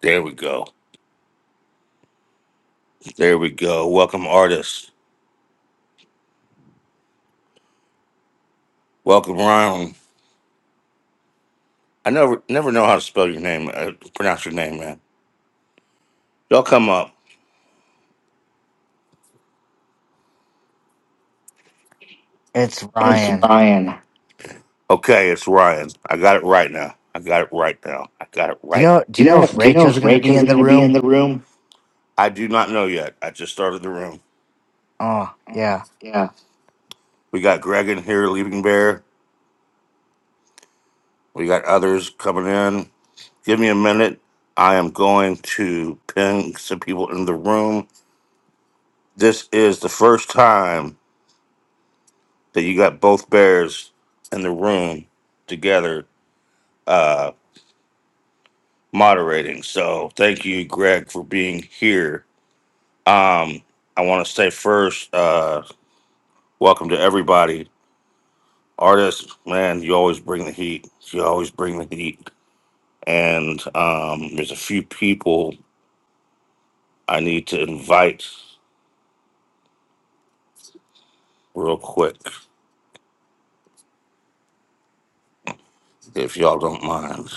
There we go. There we go. Welcome, artists. Welcome, Ryan. I never never know how to spell your name, uh, pronounce your name, man. Y'all come up. It's It's Ryan. Do Ryan. Okay, it's Ryan. I got it right now. I got it right now. I got it you right. know? Do Do you you know know? if Do you know Rachel's if gonna be Rachel's in the going to be in room? the room? I do not know yet. I just started the room. Oh Oh, yeah. yeah. We got Greg in here, Leaping Bear. We got others coming in. Give me a minute. I am going to ping some people in the room. this is the first time that you got both bears in the room together uh moderating so thank you greg for being here um i want to say first uh welcome to everybody artist man you always bring the heat you always bring the heat and um there's a few people i need to invite real quick if y'all don't mind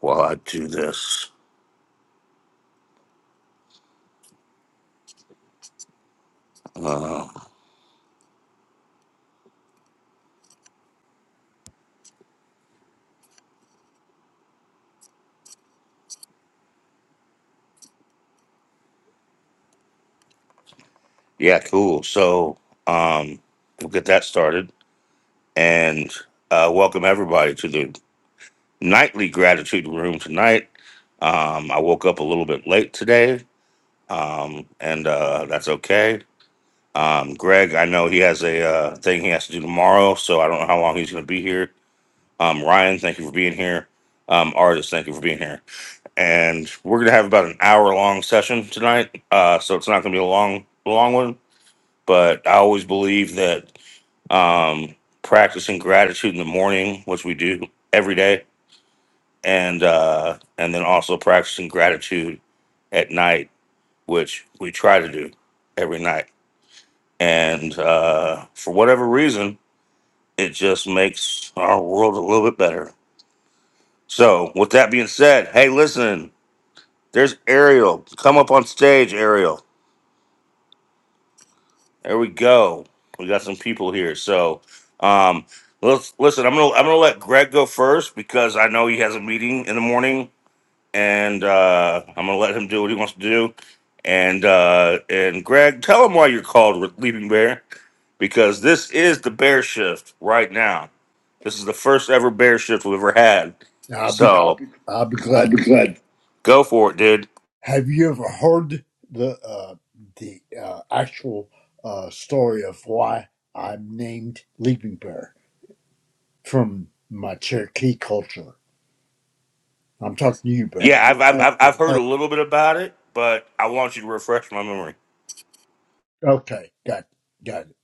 while i do this Uh, Yeah, cool. So um, we'll get that started and uh, welcome everybody to the nightly gratitude room tonight. Um, I woke up a little bit late today, um, and uh, that's okay. Um, Greg, I know he has a uh, thing he has to do tomorrow, so I don't know how long he's going to be here. Um, Ryan, thank you for being here. Um, artist, thank you for being here. And we're going to have about an hour long session tonight, uh, so it's not going to be a long, long one but I always believe that um, practicing gratitude in the morning, which we do every day, and uh, and then also practicing gratitude at night, which we try to do every night. And uh, for whatever reason, it just makes our world a little bit better. So, with that being said, hey, listen, there's Ariel. Come up on stage, Ariel. There we go. We got some people here. So, um, let's listen. I'm gonna I'm gonna let Greg go first because I know he has a meeting in the morning, and uh, I'm gonna let him do what he wants to do. And uh, and Greg, tell him why you're called Re- Leaping Bear because this is the Bear Shift right now. This is the first ever Bear Shift we've ever had. I'll be glad. So I'll be I'll glad. be glad. go for it, dude. Have you ever heard the uh, the uh, actual uh, story of why I'm named Leaping Bear from my Cherokee culture? I'm talking to you, Bear. Yeah, I've I've Uh, I've You I've heard heard? a little bit about it, but I want you to refresh my memory. Okay, got got it.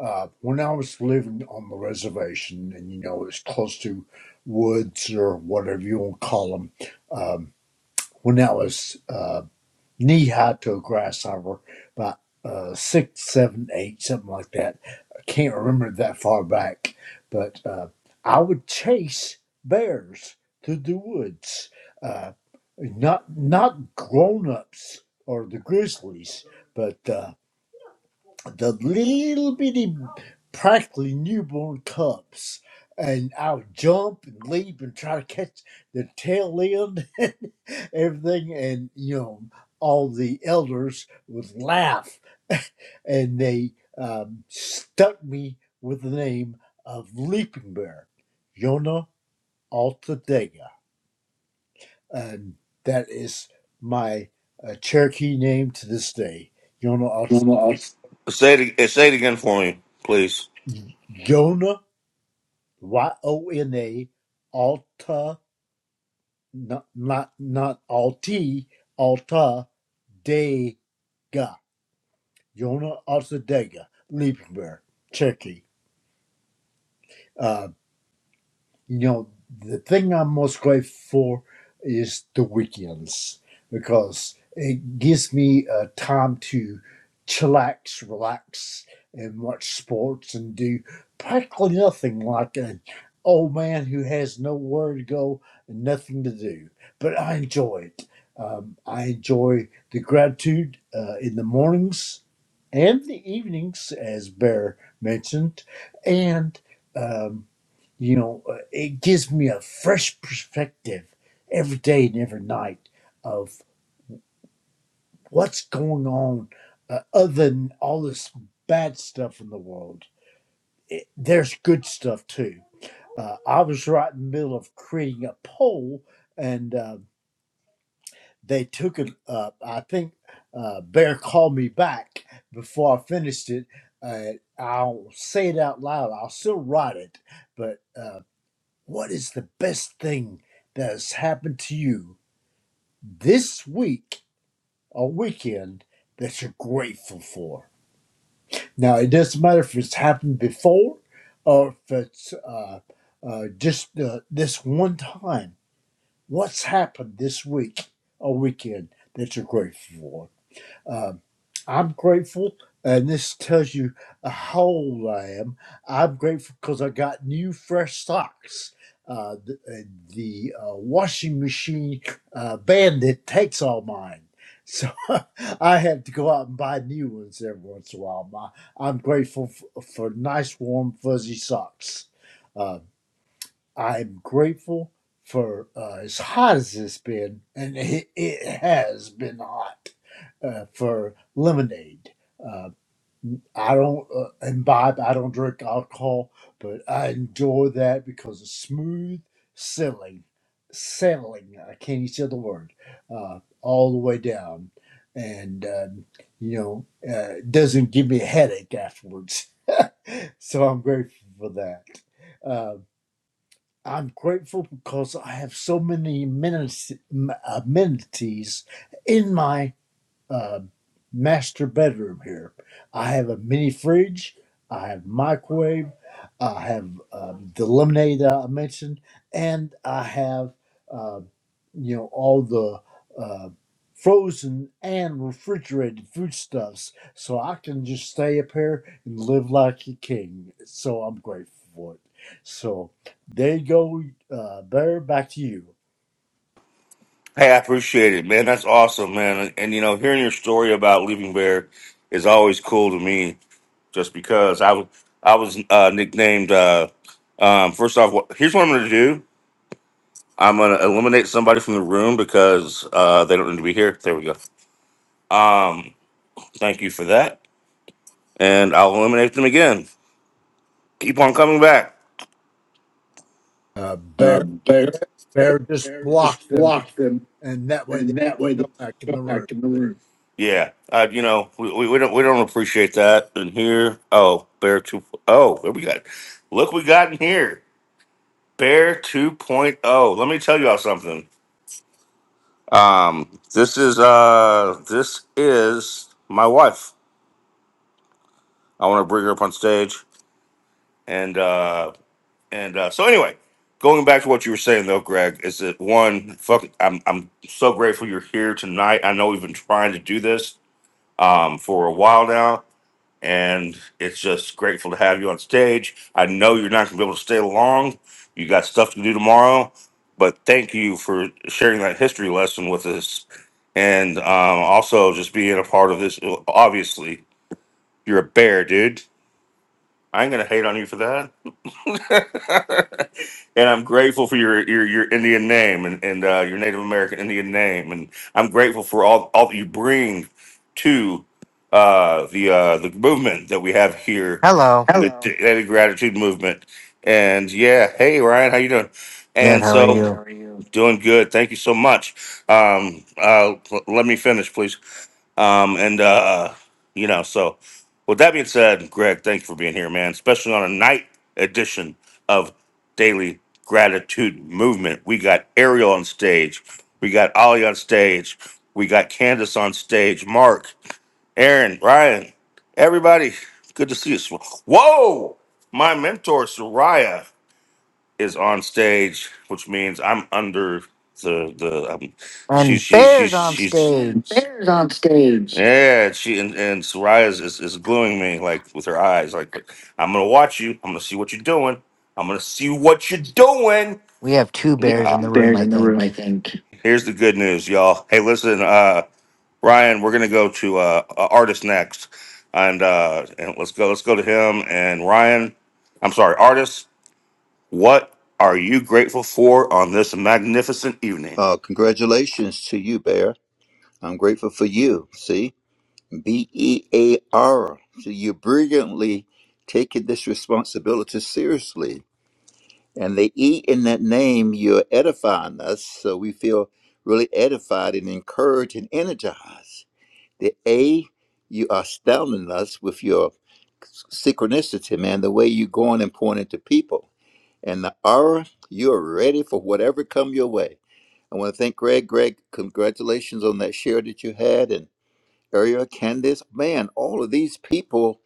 Uh, when I was living on the reservation, and you know it's close to woods or whatever you want to call them, um, when I was uh, knee high to a grasshopper, about uh, six, seven, eight, something like that. I can't remember that far back, but uh, I would chase bears through the woods. Uh, not not grown ups or the grizzlies, but. uh, the little bitty, practically newborn cubs. And I would jump and leap and try to catch the tail end and everything. And, you know, all the elders would laugh and they um, stuck me with the name of Leaping Bear, Yona Altadega. And that is my uh, Cherokee name to this day, Yona Well, Say it, say it again for me, please. Altadega. Y O N A Alta not not not Alti Alta Dega Yona Alta Dega Liebenberg, Turkey. Uh, you know, the thing I'm most grateful for is the weekends because it gives me uh, time to chillax, relax, and watch sports and do practically nothing like an old man who has nowhere to go and nothing to do. But I enjoy it. Um, I enjoy the gratitude uh, in the mornings and the evenings, as Bear mentioned, and um, you know, uh, it gives me a fresh perspective every day and every night of what's going on, uh, other than all this bad stuff in the world. It, there's good stuff too. Uh, I was right in the middle of creating a poll, and uh, they took it up. I think uh, Bear called me back before I finished it. Uh, I'll say it out loud. I'll still write it. But uh, what is the best thing that has happened to you this week or weekend that you're grateful for? Now, it doesn't matter if it's happened before or if it's uh, uh, just uh, this one time. What's happened this week or weekend that you're grateful for? Um, I'm grateful, and this tells you how old I am. I'm grateful because I got new, fresh socks. Uh, the uh, the uh, washing machine uh, bandit takes all mine. So I have to go out and buy new ones every once in a while. My, I'm grateful f- for nice, warm, fuzzy socks. Uh, I'm grateful for uh, as hot as it's been, and it, it has been hot uh, for lemonade. Uh, I don't uh, imbibe, I don't drink alcohol, but I enjoy that because it's smooth sailing, sailing. I can't even say the word uh, all the way down, and um, you know, uh, it doesn't give me a headache afterwards. So I'm grateful for that. Uh, I'm grateful because I have so many amenities, amenities in my uh, master bedroom here. I have a mini fridge. I have microwave. I have uh, the lemonade that I mentioned, and I have uh, you know all the uh, frozen and refrigerated foodstuffs, so I can just stay up here and live like a king. So I'm grateful for it. So there you go, uh, Bear. Back to you. Hey, I appreciate it, man. That's awesome, man. And, and, you know, hearing your story about leaving Bear is always cool to me, just because I was I was uh, nicknamed. Uh, um, first off, wh- here's what I'm going to do. I'm going to eliminate somebody from the room because uh, they don't need to be here. There we go. Um, thank you for that, and I'll eliminate them again. Keep on coming back. Uh, uh, Bear, Bear, Bear just Bear just blocked them blocked them. and that way they and that way can they come back in go the room. back to the room. Yeah, uh, you know, we, we, we don't we don't appreciate that in here. Oh, bear two. Oh, what we got? Look, we got in here bear 2.0. point oh. Let me tell y'all something. Um, this is uh, this is my wife. I want to bring her up on stage, and uh, and uh, so anyway, going back to what you were saying though, Greg, is that one? Fuck, I'm I'm so grateful you're here tonight. I know we've been trying to do this um for a while now and it's just grateful to have you on stage. I know you're not going to be able to stay long. You got stuff to do tomorrow, but thank you for sharing that history lesson with us, and um, also just being a part of this. Obviously, you're a bear, dude. I ain't gonna hate on you for that. and I'm grateful for your your, your Indian name and and uh, your Native American Indian name, and I'm grateful for all all that you bring to uh, the uh, the movement that we have here, Hello. the Hello. Daily Gratitude Movement. And yeah, hey Ryan, how you doing? Good. And How are so Good. How you? are you? doing good. Thank you so much. Um, uh, l- let me finish, please. Um, and uh, you know, so with that being said, Greg, thanks for being here, man. Especially on a night edition of Daily Gratitude Movement. We got Ariel on stage, we got Ollie on stage, we got Candace on stage, Mark, Aaron, Ryan, everybody. Good to see you. Whoa, my mentor Soraya is on stage, which means I'm under the the. Um, she And she she bears on she's And stage. Bear's on stage. yeah. She and, and Soraya is, is is gluing me like with her eyes. Like I'm gonna watch you. I'm gonna see what you're doing. I'm gonna see what you're doing. We have two We have bears Ah, in the two room, bears I in the room, I think. think. here's the good news, y'all. Hey, listen, uh, Ryan, we're gonna go to uh, uh, artist next, and uh, and let's go let's go to him and Ryan. I'm sorry, artist. What are you grateful for on this magnificent evening? Uh, congratulations to you, Bear. I'm grateful for you. See, B E A R. So you brilliantly taking this responsibility seriously. And the E in that name, you're edifying us. So we feel really edified and encouraged and energized. The A, you are astounding us with your synchronicity, man, the way you're going and pointing to people. And the R, you're ready for whatever come your way. I want to thank Greg. Greg, congratulations on that share that you had, and Ariel, Candace. Man, all of these people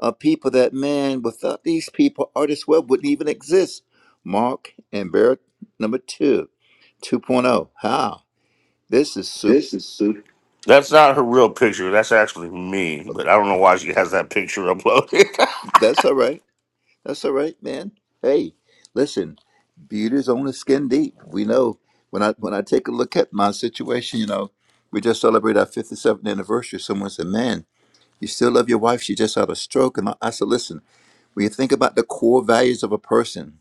are people that, man, without these people, Artist Web wouldn't even exist. Mark and Barrett, number two, 2.0. How? This is super. That's not her real picture. That's actually me, but I don't know why she has that picture uploaded. That's all right. That's all right, man. Hey, listen, beauty's only skin deep. We know when I when I take a look at my situation, you know, we just celebrated our 57th anniversary. Someone said, man, You still love your wife. She just had a stroke. And I I said, listen, when you think about the core values of a person,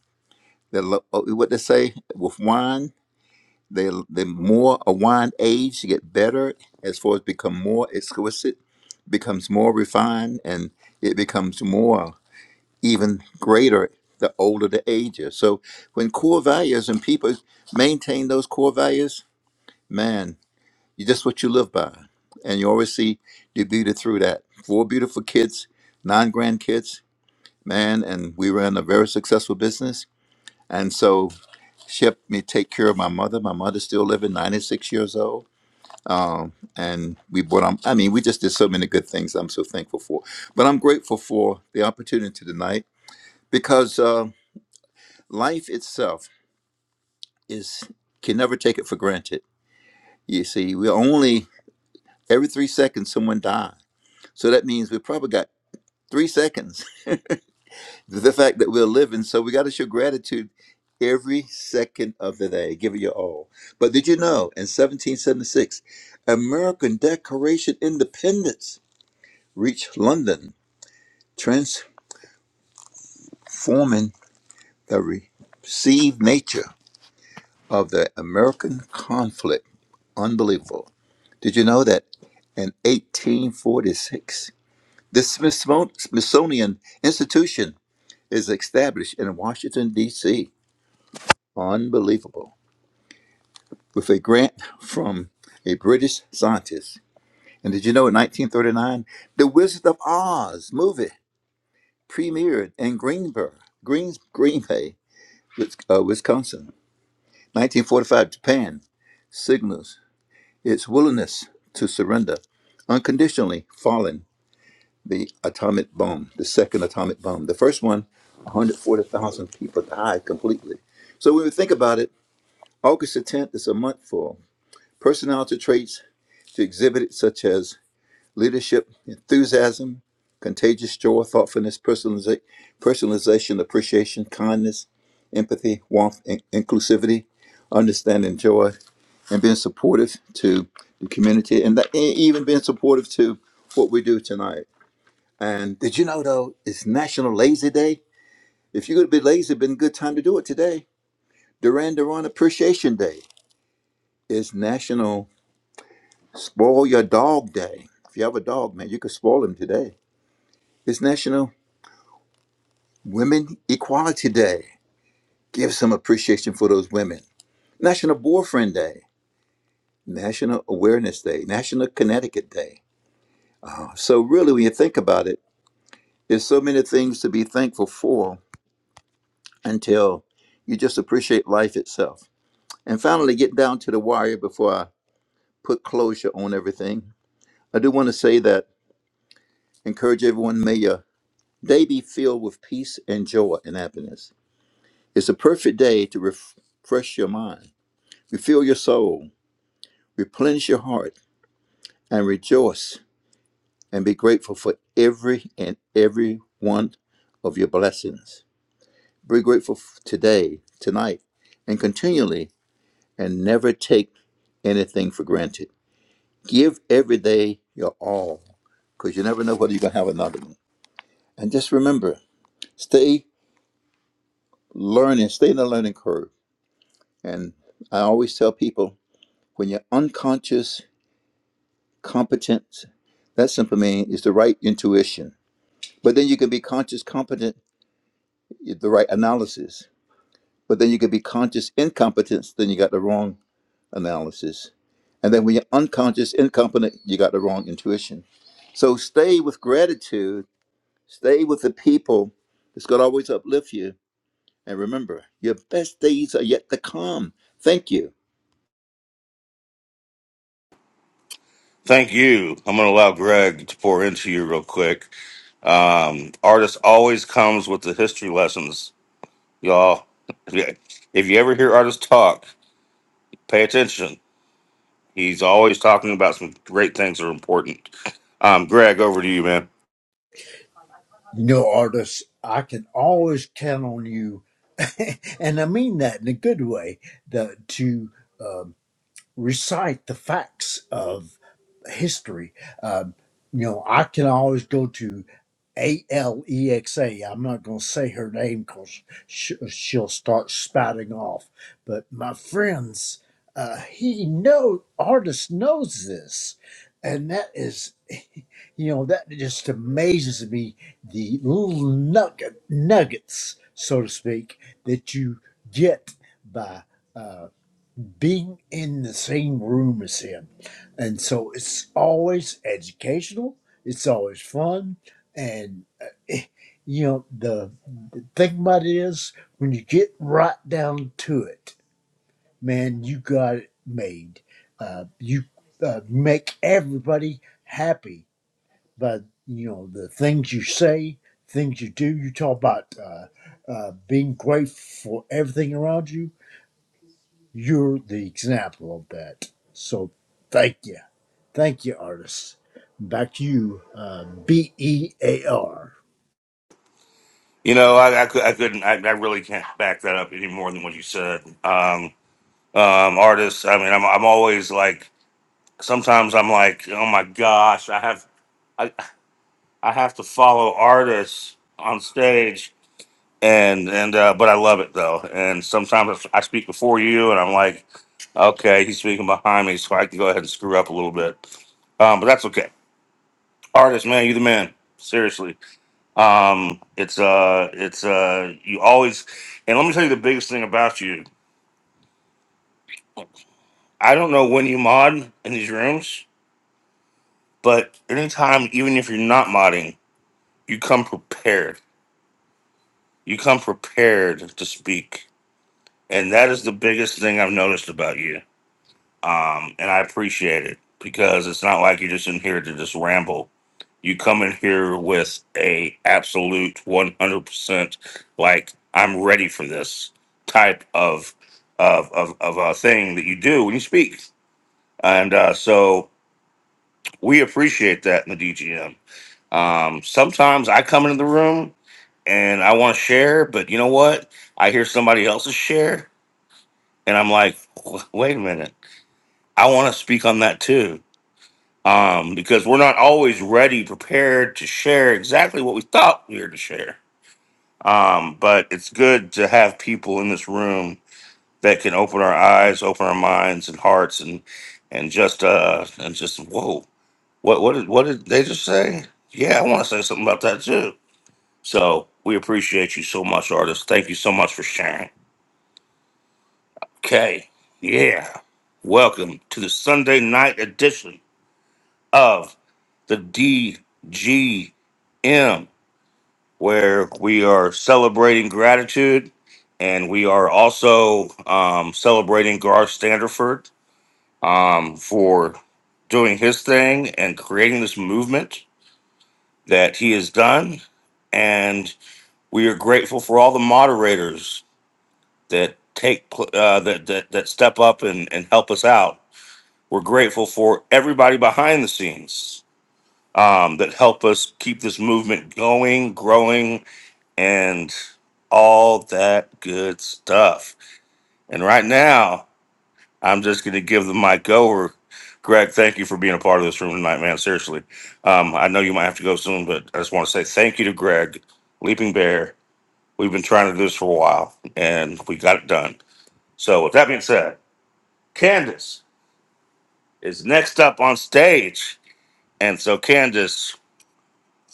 they lo- uh, what they say with wine, they the more a wine age, you get better as far as become more exquisite, becomes more refined, and it becomes more even greater the older the age is. So when core values and people maintain those core values, man. You just what you live by. And you always see the beauty through that. Four beautiful kids, nine grandkids, man, and we ran a very successful business. And so she helped me take care of my mother. My mother's still living, 96 years old. Um, and we bought, um, I mean, we just did so many good things I'm so thankful for. But I'm grateful for the opportunity tonight because uh, life itself is can never take it for granted. You see, we only, every three seconds, someone dies. So that means we probably got three seconds the fact that we're living so we got to show gratitude every second of the day give it your all but did you know in 1776 american declaration independence reached london transforming the received nature of the american conflict unbelievable did you know that in 1846 the smithsonian institution is established in washington d.c Unbelievable. With a grant from a British scientist. And did you know in 1939, The Wizard of Oz movie premiered in Greenberg, Greens, Green Bay, uh, Wisconsin. 1945, Japan signals its willingness to surrender unconditionally following the atomic bomb, the second atomic bomb. The first one, 140,000 people died completely. So when we think about it, August the 10th is a month for personality traits to exhibit it, such as leadership, enthusiasm, contagious joy, thoughtfulness, personaliza- personalization, appreciation, kindness, empathy, warmth, in- inclusivity, understanding, joy, and being supportive to the community, and, that, and even being supportive to what we do tonight. And did you know though, it's National Lazy Day? If you're gonna be lazy, been a good time to do it today. Duran Duran Appreciation Day is National Spoil Your Dog Day. If you have a dog, man, you could spoil him today It's National Women Equality Day. Give some appreciation for those women. National Boyfriend Day, National Awareness Day, National Connecticut Day. So, really, when you think about it, there's so many things to be thankful for until you just appreciate life itself. And finally, get down to the wire before I put closure on everything. I do want to say that encourage everyone, may your day be filled with peace and joy and happiness. It's a perfect day to ref- refresh your mind Refill your soul, replenish your heart, and rejoice and be grateful for every and every one of your blessings. Be grateful today, tonight, and continually, and never take anything for granted. Give every day your all, because you never know whether you're going to have another one. And just remember, stay learning, stay in the learning curve. And I always tell people when you're unconscious competence. That simply means is the right intuition. But then you can be conscious competent, the right analysis. But then you can be conscious incompetence, then you got the wrong analysis. And then when you're unconscious incompetent, you got the wrong intuition. So stay with gratitude, stay with the people. It's going to always uplift you. And remember, your best days are yet to come. Thank you. Thank you. I'm going to allow Greg to pour into you real quick. Um, artist always comes with the history lessons, y'all. If you ever hear artists talk, pay attention. He's always talking about some great things that are important. Um, Greg, over to you, man. You know, artists, I can always count on you, and I mean that in a good way, the, to um, recite the facts of history. Um, you know, I can always go to A L E X A. I'm not going to say her name because sh- she'll start spouting off. But my friends, uh, he know artist knows this, and that is You know, that just amazes me the little nugget, nuggets, so to speak, that you get by uh, being in the same room as him. And so it's always educational, it's always fun. And, uh, eh, you know, the, the thing about it is when you get right down to it, man, you got it made. Uh, you uh, make everybody happy but you know the things you say, things you do. You talk about uh, uh, being grateful for everything around you. You're the example of that. So thank you, thank you, artist. Back to you, uh, B E A R. You know, I, I, cou- I couldn't, I, I really can't back that up any more than what you said. Um, um, artists. I mean, I'm I'm always like sometimes I'm like, oh my gosh, I have I, I have to follow artists on stage, and and uh, but I love it though. And sometimes if I speak before you, and I'm like, okay, he's speaking behind me, so I can go ahead and screw up a little bit. Um, but that's okay. Artist, man, you the man. Seriously, um, it's uh, it's uh, you always. And let me tell you the biggest thing about you. I don't know when you mod in these rooms But anytime, even if you're not modding, you come prepared. You come prepared to speak. And that is the biggest thing I've noticed about you. Um, and I appreciate it because it's not like you're just in here to just ramble. You come in here with a absolute 100% like I'm ready for this type of of of, of a thing that you do when you speak. And uh, so we appreciate that in the DGM Um, sometimes I come into the room and I want to share, but you know what? I hear somebody else's share, and I'm like, "W- wait a minute, I want to speak on that too, um, because we're not always ready, prepared to share exactly what we thought we were to share. Um, but it's good to have people in this room that can open our eyes, open our minds and hearts, and and just uh and just whoa, what what did what did they just say? Yeah, I want to say something about that too So we appreciate you so much, artist. Thank you so much for sharing. Okay, yeah. Welcome to the Sunday night edition of the DGM, where we are celebrating gratitude and we are also um, celebrating Garth Standerford um, for doing his thing and creating this movement that he has done. And we are grateful for all the moderators that take pl- uh, that, that that step up and, and help us out. We're grateful for everybody behind the scenes um, that help us keep this movement going, growing, and all that good stuff. And right now, I'm just going to give the mic over. Greg, thank you for being a part of this room tonight, man. Seriously, um, I know you might have to go soon, but I just want to say thank you to Greg, Leaping Bear. We've been trying to do this for a while, and we got it done. So, with that being said. Candace is next up on stage. And so, Candace,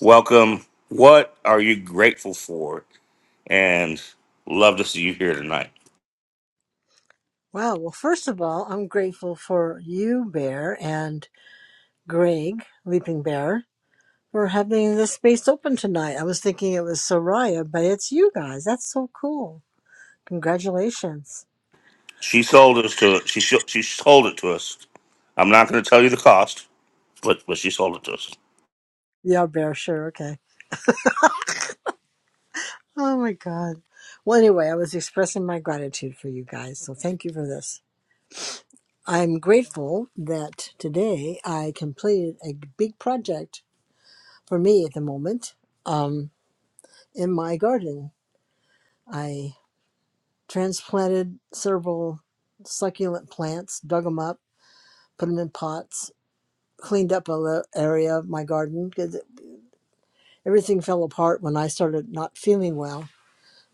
welcome. What are you grateful for? And love to see you here tonight. Wow. Well, first of all, I'm grateful for you, Bear, and Greg, Leaping Bear, for having this space open tonight. I was thinking it was Soraya, but it's you guys. That's so cool. Congratulations. She sold us to she sho- she sold it to us. I'm not going to tell you the cost, but but she sold it to us. Yeah, Bear, sure. Okay. Oh my God. Well, anyway, I was expressing my gratitude for you guys, so thank you for this. I'm grateful that today I completed a big project for me at the moment um, in my garden. I transplanted several succulent plants, dug them up, put them in pots, cleaned up a area of my garden because everything fell apart when I started not feeling well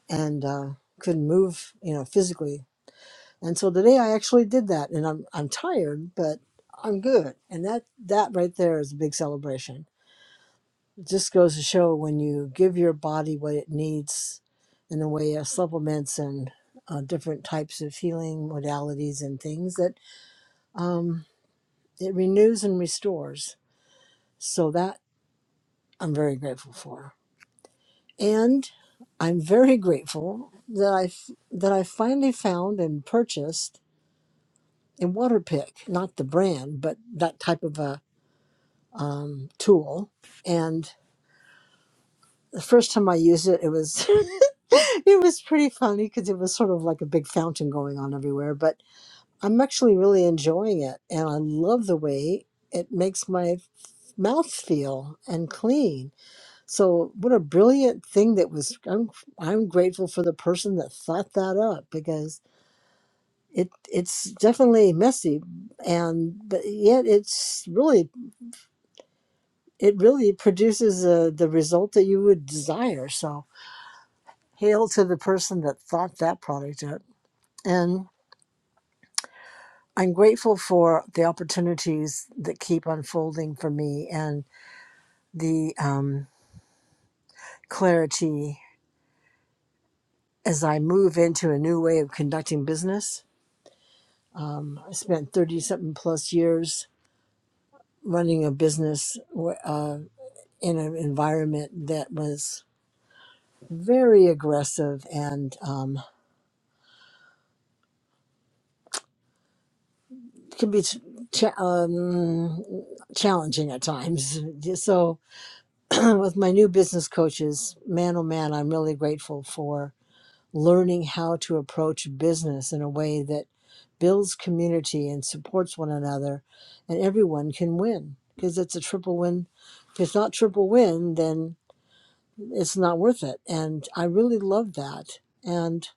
and uh, couldn't move, you know, physically. And so today I actually did that, and I'm I'm tired, but I'm good. And that that right there is a big celebration. It just goes to show when you give your body what it needs in the way of supplements and uh, different types of healing modalities and things that Um, it renews and restores. So that I'm very grateful for. And I'm very grateful that I that I finally found and purchased a water pick, not the brand, but that type of a um, tool. And the first time I used it, it was it was pretty funny because it was sort of like a big fountain going on everywhere. But I'm actually really enjoying it, and I love the way it makes my mouth feel and clean So what a brilliant thing that was. I'm I'm grateful for the person that thought that up because it it's definitely messy, and but yet it's really it really produces uh, the result that you would desire. So hail to the person that thought that product up, and I'm grateful for the opportunities that keep unfolding for me and the um, clarity as I move into a new way of conducting business Um, I spent 30 something plus years running a business uh, in an environment that was very aggressive and um, can be ch- cha- um, challenging at times. So, with my new business coaches, man oh man, I'm really grateful for learning how to approach business in a way that builds community and supports one another, and everyone can win because it's a triple win. If it's not triple win, then it's not worth it. And I really loved that and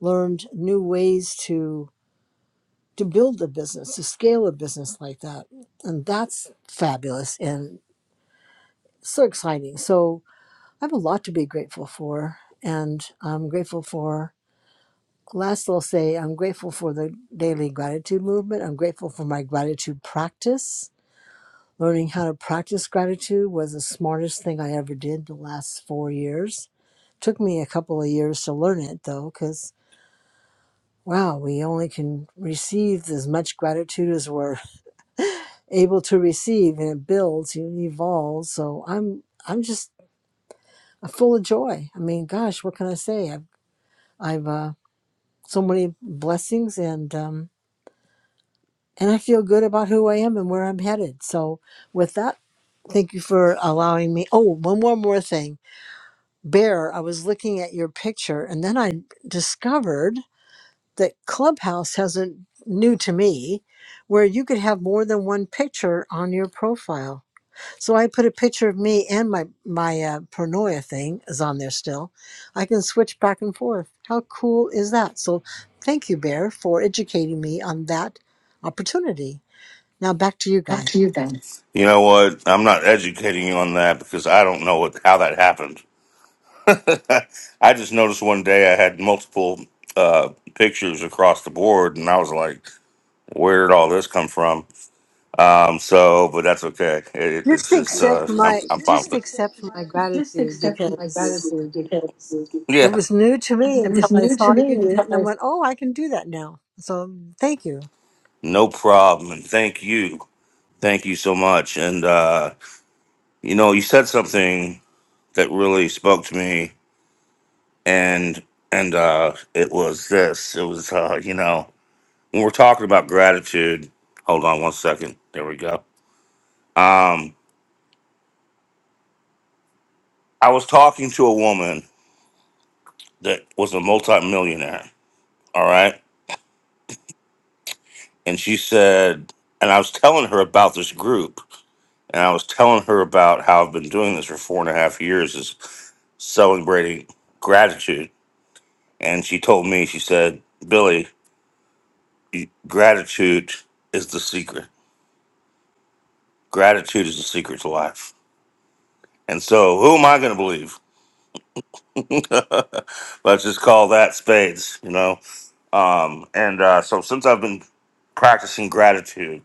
learned new ways to to build a business, to scale a business like that. And that's fabulous and so exciting. So I have a lot to be grateful for. And I'm grateful for Last, I'll say I'm grateful for the daily gratitude movement. I'm grateful for my gratitude practice. Learning how to practice gratitude was the smartest thing I ever did the last four years. Took me a couple of years to learn it though, because wow, we only can receive as much gratitude as we're able to receive, and it builds, it evolves. So I'm I'm just full of joy. I mean, gosh, what can I say? I've I've uh, so many blessings and. Um, and I feel good about who I am and where I'm headed. So, with that, thank you for allowing me. Oh, one more more thing, Bear. I was looking at your picture, and then I discovered that Clubhouse has a new to me, where you could have more than one picture on your profile. So I put a picture of me and my my uh, paranoia thing is on there still. I can switch back and forth. How cool is that? So, thank you, Bear, for educating me on that opportunity. Now back to you Back guys. to you, Ben. You know what? I'm not educating you on that because I don't know what how that happened. I just noticed one day I had multiple uh, pictures across the board, and I was like, "Where did all this come from?" Um, so, but that's okay. It, it- it's Just just uh, accept I'm my I'm fine just with it. accept my Just gratitude accept my because gratitude because it Yeah, was new to me it until was I new to saw me you do it until and I I went, Oh, I can do that now. So thank you. no problem. And thank you, thank you so much. And uh, you know, you said something that really spoke to me, and and uh, it was this. It was uh, you know, when we're talking about gratitude. Hold on one second. There we go. Um, I was talking to a woman that was a multimillionaire. All right. and she said, and I was telling her about this group, and I was telling her about how I've been doing this for four and a half years is celebrating gratitude. And she told me, she said, Billy, you- gratitude is the secret. Gratitude is the secret to life. And so, who am I going to believe? Let's just call that spades, you know? Um, and uh, so, since I've been practicing gratitude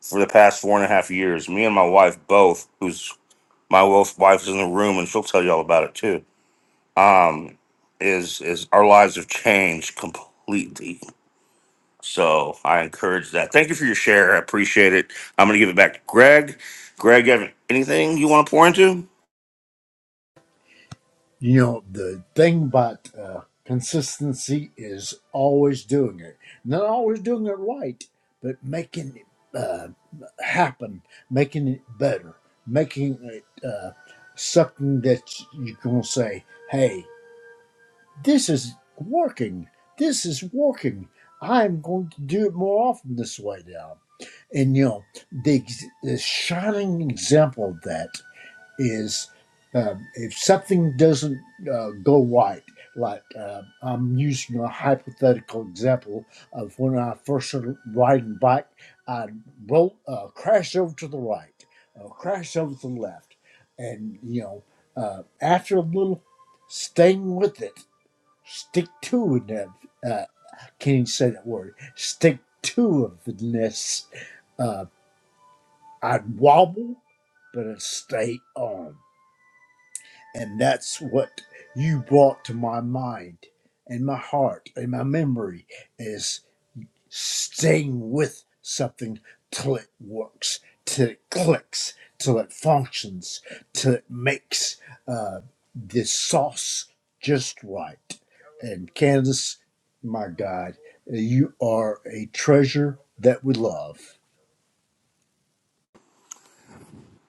for the past four and a half years, me and my wife both, who's my wife wife is in the room and she'll tell you all about it too. Um, is is our lives have changed completely. So I encourage that. Thank you for your share. I appreciate it. I'm gonna give it back to Greg. Greg, you have anything you want to pour into? You know, the thing about uh, consistency is always doing it. Not always doing it right, but making it uh, happen, making it better, making it uh, something that you can say, hey, this is working. This is working. I'm going to do it more often this way now. And, you know, the, ex- the shining example of that is um, if something doesn't uh, go right, like uh, I'm using a hypothetical example of when I first started riding bike, I roll, uh, crashed over to the right, uh, crashed over to the left. And, you know, uh, after a little staying with it, stick to it, uh, can you say that word? Stick to it, uh, I'd wobble, but I'd stay on And that's what you brought to my mind and my heart and my memory is staying with something till it works, till it clicks, till it functions, till it makes uh, this sauce just right. And Candace, my God, you are a treasure that we love.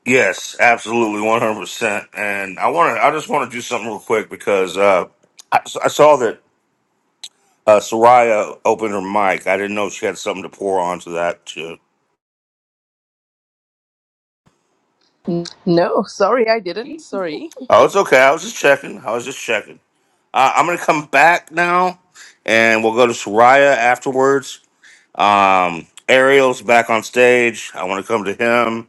Yes, absolutely, 100. percent And I want to. I just want to do something real quick because uh, I, I saw that uh, Soraya opened her mic. I didn't know she had something to pour onto that too. No, sorry, I didn't. Sorry. Oh, it's okay. I was just checking. I was just checking. Uh, I'm gonna come back now, and we'll go to Soraya afterwards. Um, Ariel's back on stage. I want to come to him.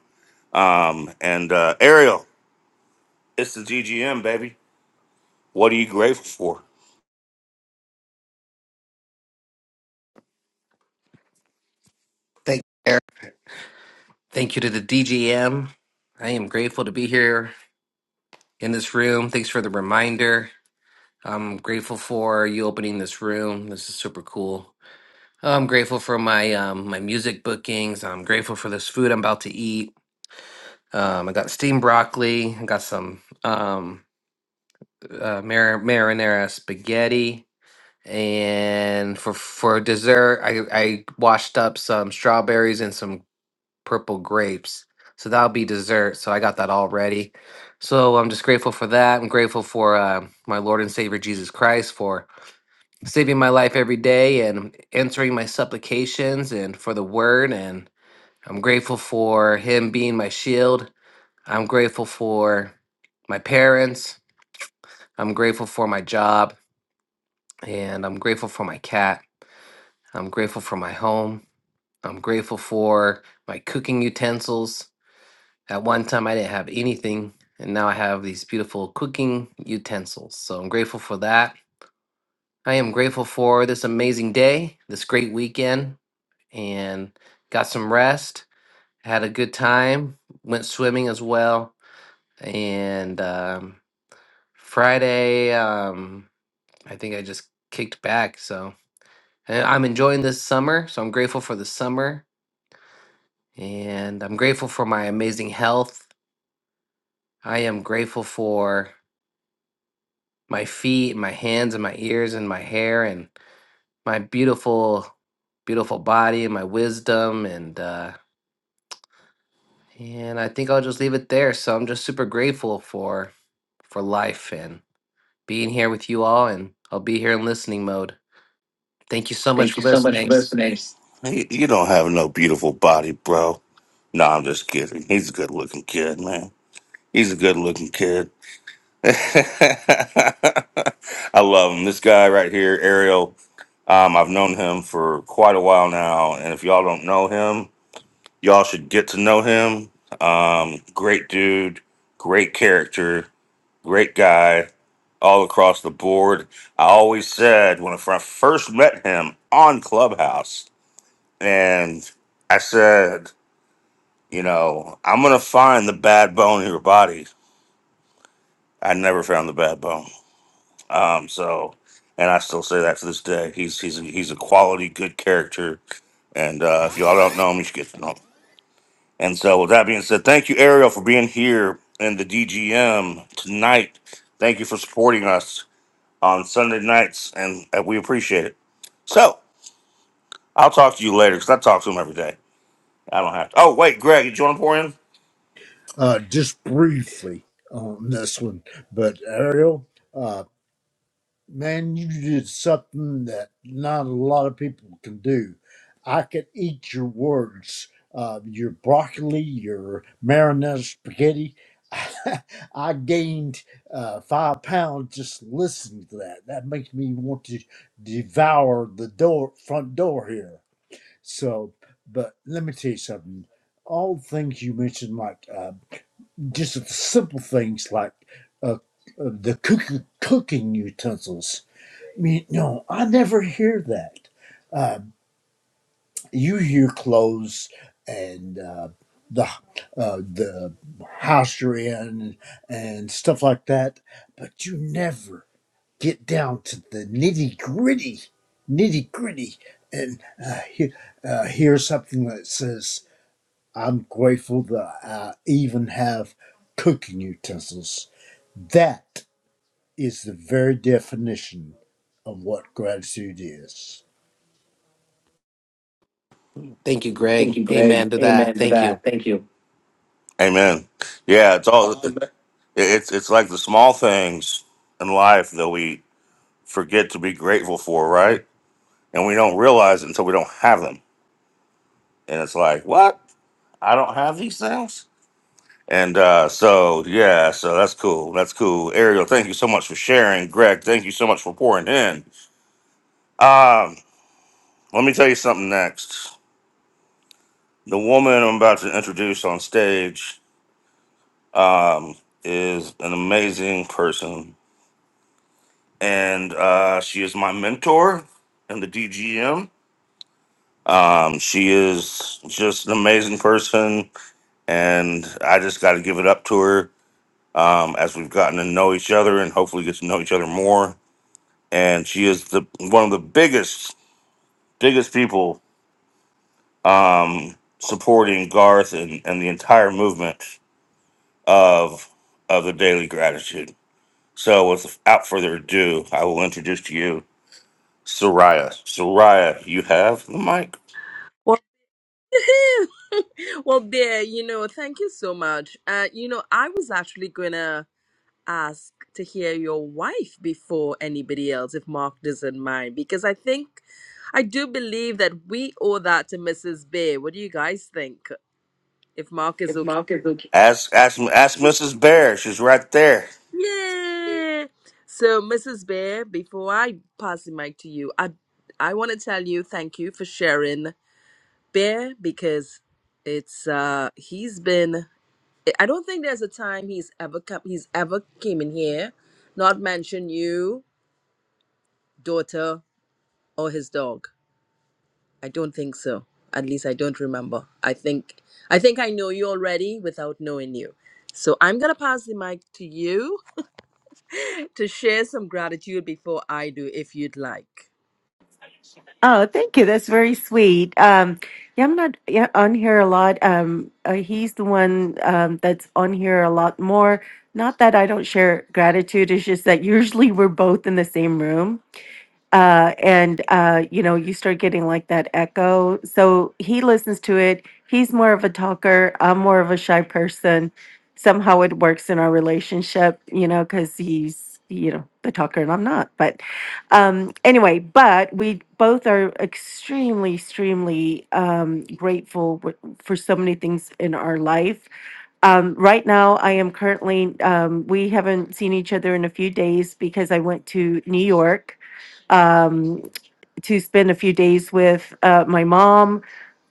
Um, and uh, Ariel, it's the GGM, baby. What are you grateful for? Thank you, Eric. Thank you to the DGM. I am grateful to be here in this room. Thanks for the reminder. I'm grateful for you opening this room. This is super cool. I'm grateful for my um, my music bookings. I'm grateful for this food I'm about to eat. Um, I got steamed broccoli. I got some um, uh, mar- marinara spaghetti. And for for dessert, I, I washed up some strawberries and some purple grapes. So that'll be dessert. So I got that all ready. So I'm just grateful for that. I'm grateful for uh, my Lord and Savior Jesus Christ for saving my life every day and answering my supplications and for the word. And I'm grateful for Him being my shield. I'm grateful for my parents. I'm grateful for my job. And I'm grateful for my cat. I'm grateful for my home. I'm grateful for my cooking utensils. At one time, I didn't have anything, and now I have these beautiful cooking utensils. So I'm grateful for that. I am grateful for this amazing day, this great weekend, and got some rest. Had a good time. Went swimming as well. And um, Friday, um, I think I just kicked back. So and I'm enjoying this summer. So I'm grateful for the summer, and I'm grateful for my amazing health. I am grateful for. my feet and my hands and my ears and my hair and my beautiful beautiful body and my wisdom and uh and I think I'll just leave it there. So I'm just super grateful for for life and being here with you all and I'll be here in listening mode. Thank you so much Thank for you so much for listening. listening. You you don't have no beautiful body, bro. No, I'm just kidding. He's a good looking kid, man. He's a good looking kid. I love him. This guy right here, Ariel. Um, I've known him for quite a while now, and if y'all don't know him, y'all should get to know him. Um, great dude, great character, great guy, all across the board. I always said when I fir- first met him on Clubhouse, and I said, you know, I'm gonna find the bad bone in your body. I never found the bad bone. Um, so, and I still say that to this day. He's he's a, he's a quality, good character. And uh, if y'all don't know him, you should get to know him. And so, with that being said, thank you, Ariel, for being here in the DGM tonight. Thank you for supporting us on Sunday nights, and uh, we appreciate it. So, I'll talk to you later because I talk to him every day. I don't have to. Oh, wait, Greg, did you want to pour in? Uh, just briefly on this one, but Ariel. uh, Man, you did something that not a lot of people can do. I could eat your words, uh, your broccoli, your marinara spaghetti. I gained uh, five pounds just listening to that. That makes me want to devour the door front door here. So, but let me tell you something. All the things you mentioned, like uh, just the simple things like uh, uh, the cooking, cooking utensils me- No, I never hear that. Uh, you hear clothes and uh, the uh, the house you're in and stuff like that, but you never get down to the nitty gritty, nitty gritty, and uh, he- uh, hear something that says, "I'm grateful that I even have cooking utensils." That is the very definition of what gratitude is. Thank you, Thank Greg. you, Greg. Amen to that. Amen to Thank you. that. Thank you. Amen. Yeah, it's all Um, it's it's like the small things in life that we. forget to be grateful for, right? And we don't realize it until we don't have them. And it's like, what? I don't have these things? And uh, so, yeah, so that's cool. That's cool. Ariel, thank you so much for sharing. Greg, thank you so much for pouring in. Um, let me tell you something next. The woman I'm about to introduce on stage um, is an amazing person. And uh, she is my mentor in the DGM. Um, she is just an amazing person and I just got to give it up to her um, as we've gotten to know each other and hopefully get to know each other more. And she is the one of the biggest, biggest people um, supporting Garth and, and the entire movement of of the Daily Gratitude. So, without further ado, I will introduce to you Soraya. Soraya, you have the mic. Well, well, there, you know, thank you so much. Uh, you know, I was actually gonna ask to hear your wife before anybody else, if Mark doesn't mind, because I think I do believe that we owe that to Mrs. Bay. What do you guys think? If Mark is If okay. Mark is okay. Ask ask ask Mrs. Bear. She's right there. Yeah. So, Mrs. Bear, before I pass the mic to you, I I want to tell you thank you for sharing Bear because it's uh he's been I don't think there's a time he's ever come he's ever came in here not mention you, daughter or his dog. I don't think so. At least I don't remember. I think I think I know you already without knowing you. So I'm going to pass the mic to you to share some gratitude before I do if you'd like. Oh, thank you. That's very sweet. Um, yeah, I'm not yeah, on here a lot. Um, uh, he's the one um, that's on here a lot more. Not that I don't share gratitude, it's just that usually we're both in the same room uh, and uh, you know you start getting like that echo so he listens to it he's more of a talker i'm more of a shy person somehow it works in our relationship you know because he's you know the talker and i'm not but um anyway but we both are extremely extremely um grateful w- for so many things in our life um right now i am currently um we haven't seen each other in a few days because i went to new york um, to spend a few days with uh, my mom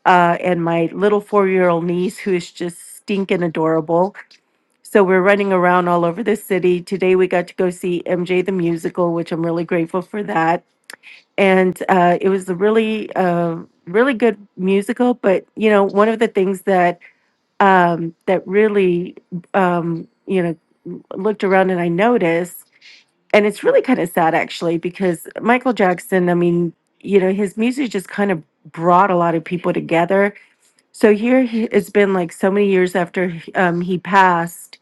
uh, and my little four year old niece, who is just stinking adorable. So we're running around all over the city. Today we got to go see MJ the musical, which I'm really grateful for that. And uh, it was a really, uh, really good musical. But you know, one of the things that um, that really, um, you know, looked around and I noticed and it's really kind of sad actually because Michael Jackson, I mean, you know, his music just kind of brought a lot of people together. So here he, it's been like so many years after he- um, he passed,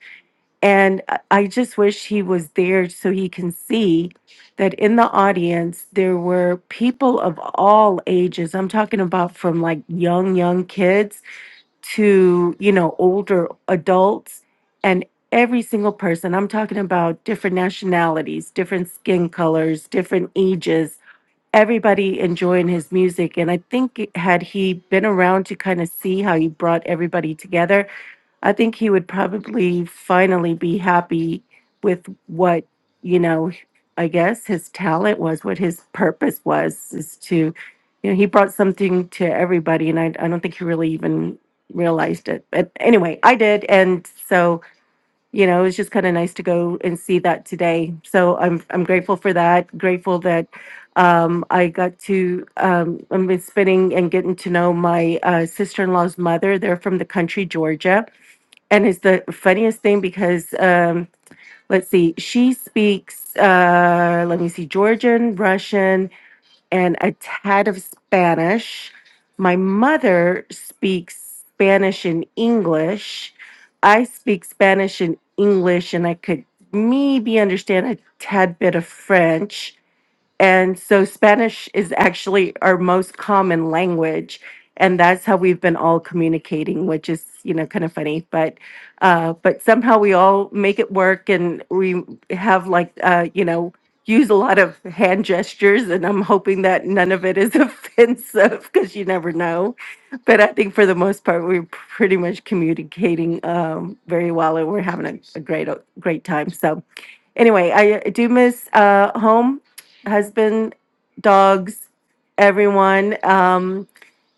and I I just wish he was there so he can see that in the audience there were people of all ages. I'm talking about from like young, young kids to you know older adults and every single person i'm talking about different nationalities different skin colors different ages everybody enjoying his music and i think it- had he been around to kind of see how he brought everybody together I think he would probably finally be happy with what, you know, I guess his talent was, what his purpose was, is to, you know, he brought something to everybody. And I, I don't think he really even realized it. But anyway, I did. And so, you know, it was just kind of nice to go and see that today. So I'm, I'm grateful for that. Grateful that um, I got to, um, I've been spending and getting to know my uh, sister in law's mother. They're from the country, Georgia and it's the funniest thing because um let's see she speaks uh let me see georgian russian and a tad of spanish my mother speaks spanish and english i speak spanish and english and i could maybe understand a tad bit of french and so Spanish is actually our most common language. And that's how we've been all communicating, which is, you know, kind of funny. But uh, but somehow we all make it work and we have like uh, you know, use a lot of hand gestures and I'm hoping that none of it is offensive because you never know. But I think for the most part we're pretty much communicating um very well and we're having a, a great o- great time. So Anyway, I do miss uh, home, husband, dogs, everyone. Um,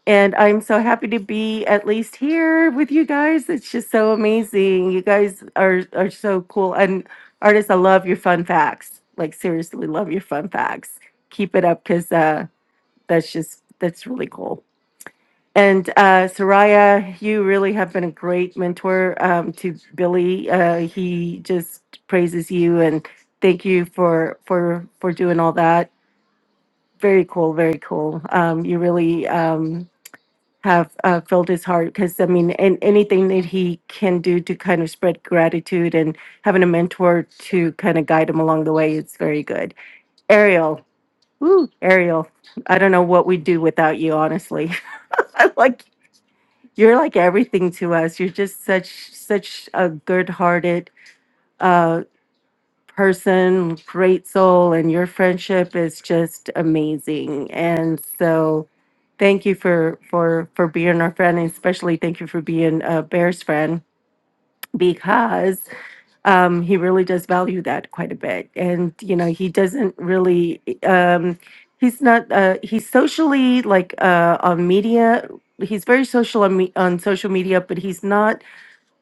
and I'm so happy to be at least here with you guys. It's just so amazing. You guys are are so cool. And artists, I love your fun facts. Like seriously, love your fun facts. Keep it up because uh, that's just that's really cool. And uh, Soraya, you really have been a great mentor um, to Billy. Uh, he just praises you and thank you for for for doing all that. Very cool, very cool. Um, you really um, have uh, filled his heart because I mean, and anything that he can do to kind of spread gratitude and having a mentor to kind of guide him along the way is very good. Ariel, woo, Ariel, I don't know what we'd do without you, honestly. like You're like everything to us. You're just such such a good-hearted uh person, great soul, and your friendship is just amazing. And so thank you for for for being our friend, and especially thank you for being uh, Bear's friend because um he really does value that quite a bit. And you know, he doesn't really um he's not uh he's socially like uh on media he's very social on, me- on social media but he's not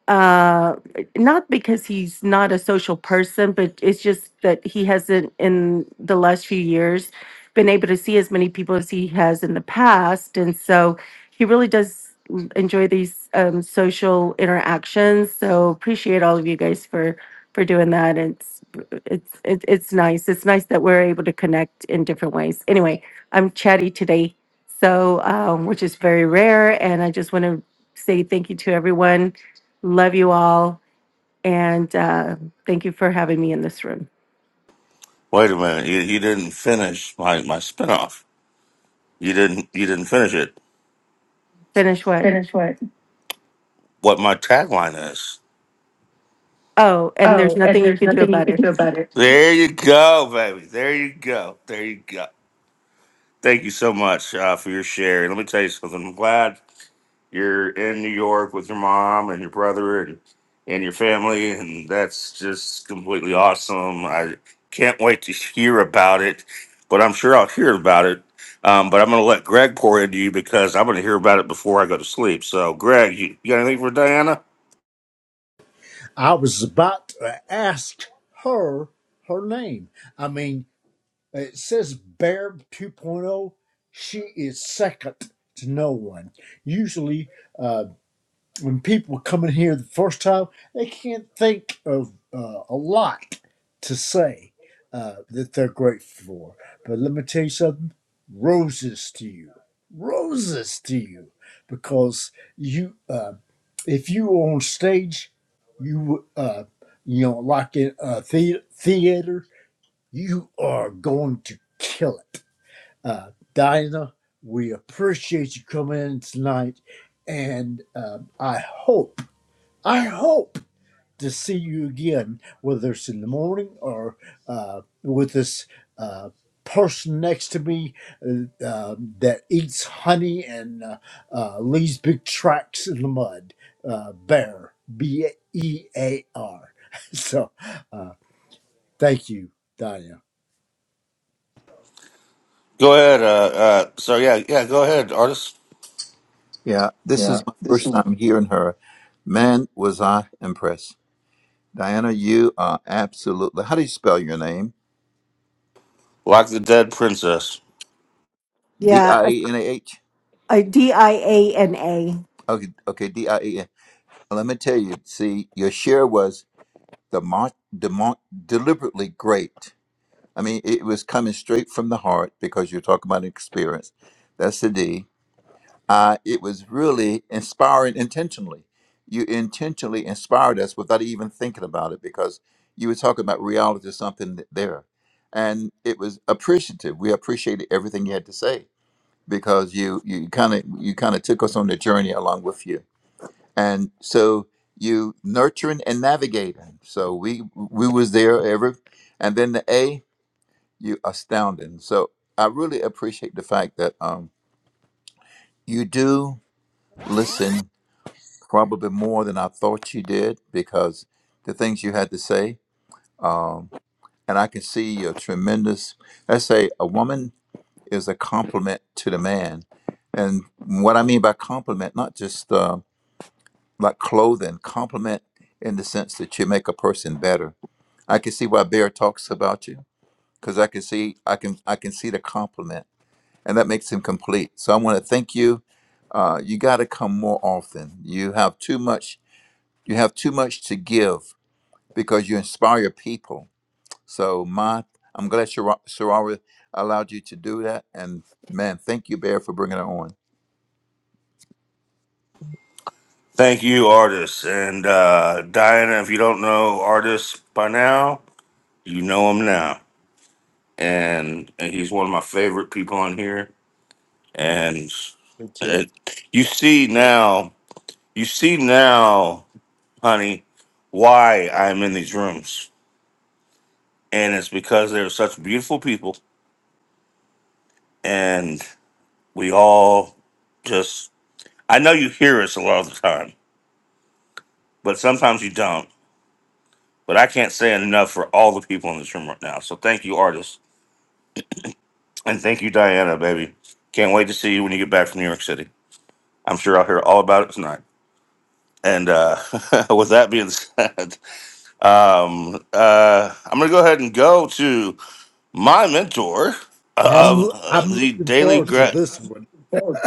uh not because he's not a social person but it's just that he hasn't in the last few years been able to see as many people as he has in the past and so he really does mm, enjoy these um social interactions so appreciate all of you guys for for doing that it's it's it, it's nice it's nice that we're able to connect in different ways anyway i'm chatty today so um which is very rare and i just want to say thank you to everyone Love you all. And uh, thank you for having me in this room. Wait a minute. You, you didn't finish my my spinoff. You didn't. You didn't finish it. Finish what? Finish what? What my tagline is. Oh, and there's Oh, and nothing you there's can do nothing you about can it. do about it. There you go, baby. There you go. There you go. Thank you so much uh, for your share. And let me tell you something. I'm glad. you're in New York with your mom and your brother and, and your family, and that's just completely awesome. I can't wait to hear about it, but I'm sure I'll hear about it. Um, but I'm going to let Greg pour into you because I'm going to hear about it before I go to sleep. So, Greg, you, you got anything for Diana? I was about to ask her her name. I mean, it says Bear 2.0. She is second to no one. Usually, uh, when people come in here the first time, they can't think of uh, a lot to say uh, that they're grateful for. But let me tell you something roses to you. Roses to you because you. Um, if you were on stage, you uh, you know, like in a the- theater, you are going to kill it. Uh, Dinah, we appreciate you coming in tonight, and um I hope, I hope to see you again, whether it's in the morning or uh, with this uh, person next to me uh, um, that eats honey and uh, uh, leaves big tracks in the mud. Uh, bear, B E A R. So, uh, thank you, Danya. Go ahead. Uh, uh, so, yeah, yeah, go ahead, artist. Yeah, this Yeah, is my this first is time hearing her. Man, was I impressed. Diana, you are absolutely. How do you spell your name? Like the Dead Princess. D I Yeah, E N A H. I D I A N A. Okay, okay, D I E N. Let me tell you. See, your share was the demont, demont, deliberately great. I mean, it was coming straight from the heart because you're talking about experience. That's the D. Uh, it was really inspiring intentionally. You intentionally inspired us without even thinking about it because you were talking about reality, something there. And it was appreciative. We appreciated everything you had to say because you you kind of you kind of took us on the journey along with you and so you nurturing and navigating so we we was there every and then the a you astounding so i really appreciate the fact that um you do listen probably more than i thought you did because the things you had to say um and i can see your tremendous let's say a woman is a compliment to the man and what i mean by compliment not just Uh, like clothing, compliment in the sense that you make a person better. I can see why Bear talks about you because I can see I can I can see the compliment, and that makes him complete. So I want to thank you. Uh, you got to come more often. You have too much. You have too much to give because you inspire your people. So my, I'm glad Shara Sarara allowed you to do that, and man, thank you, Bear, for bringing it on. Thank you, artist, And uh, Diana, if you don't know artist by now, you know him now. and, and he's one of my favorite people on here. And Thank you. it, you see now, you see now, honey, why I'm in these rooms, and it's because they're such beautiful people, and we all just. I know you hear us a lot of the time, but sometimes you don't. But I can't say enough for all the people in this room right now. So thank you, artists, and thank you, Diana, baby. Can't wait to see you when you get back from New York City. I'm sure I'll hear all about it tonight. And uh, with that being said, um, uh, I'm going to go ahead and go to my mentor I'm of uh, I'm the looking daily forward to grat this one. of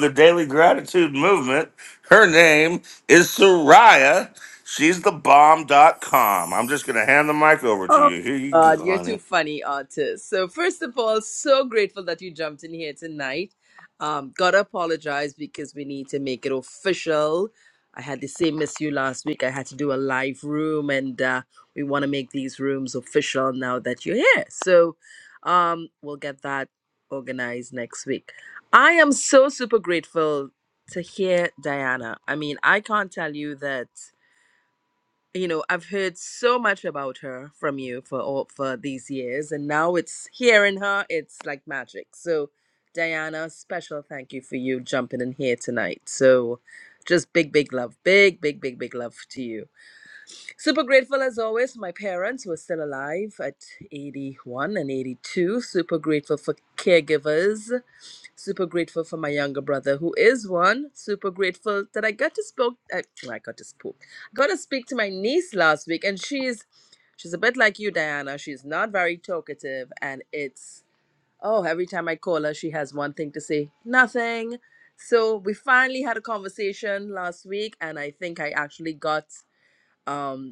the daily gratitude movement. Her name is Soraya. She's the bomb.com. I'm just going to hand the mic over to Oh my you. Here you God, go, you're too honey. funny, artist. So first of all, so grateful that you jumped in here tonight. Um, gotta apologize because we need to make it official. I had the same issue last week. I had to do a live room, and uh, we want to make these rooms official now that you're here. So um, we'll get that organized next week. I am so super grateful to hear Diana. I mean, I can't tell you that you know i've heard so much about her from you for all for these years and now it's hearing her it's like magic so diana special thank you for you jumping in here tonight so just big big love big big big big love to you Super grateful as always. My parents were still alive at 81 and 82. Super grateful for caregivers. Super grateful for my younger brother, who is one. Super grateful that I got to spoke. I, I got to spoke. I got to speak to my niece last week, and she's she's a bit like you, Diana. She's not very talkative, and it's oh, every time I call her, she has one thing to say, nothing. So we finally had a conversation last week, and I think I actually got. um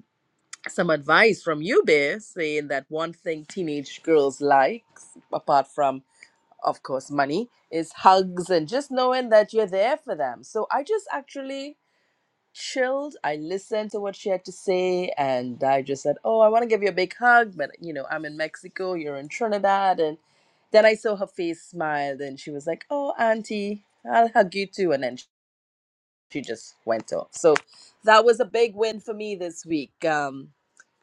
some advice from you, Bear, saying that one thing teenage girls likes, apart from, of course, money, is hugs and just knowing that you're there for them. So I just actually chilled. I listened to what she had to say, and I just said, "Oh, I want to give you a big hug, but you know, I'm in Mexico, you're in Trinidad," and then I saw her face smiled, and she was like, "Oh, auntie, I'll hug you too," and then she just went off. So that was a big win for me this week. Um,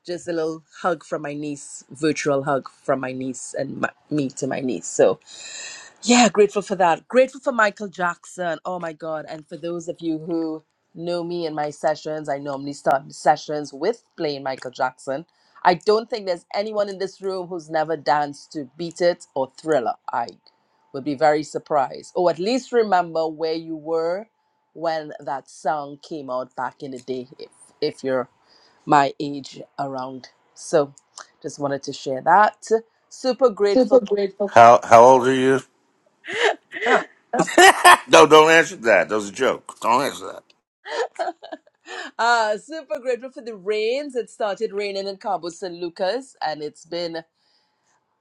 just a little hug from my niece, virtual hug from my niece and my, me to my niece. So, yeah, grateful for that. Grateful for Michael Jackson. Oh my God. And for those of you who know me in my sessions, I normally start sessions with playing Michael Jackson. I don't think there's anyone in this room who's never danced to Beat It or Thriller. I would be very surprised. Or at least remember where you were when that song came out back in the day if, if you're my age around. So just wanted to share that. Super grateful. Super grateful. How how old are you? Ah, of no, don't answer that. That was a joke. Don't answer course. Uh, super grateful for the rains. It started raining in Cabo San Lucas and it's been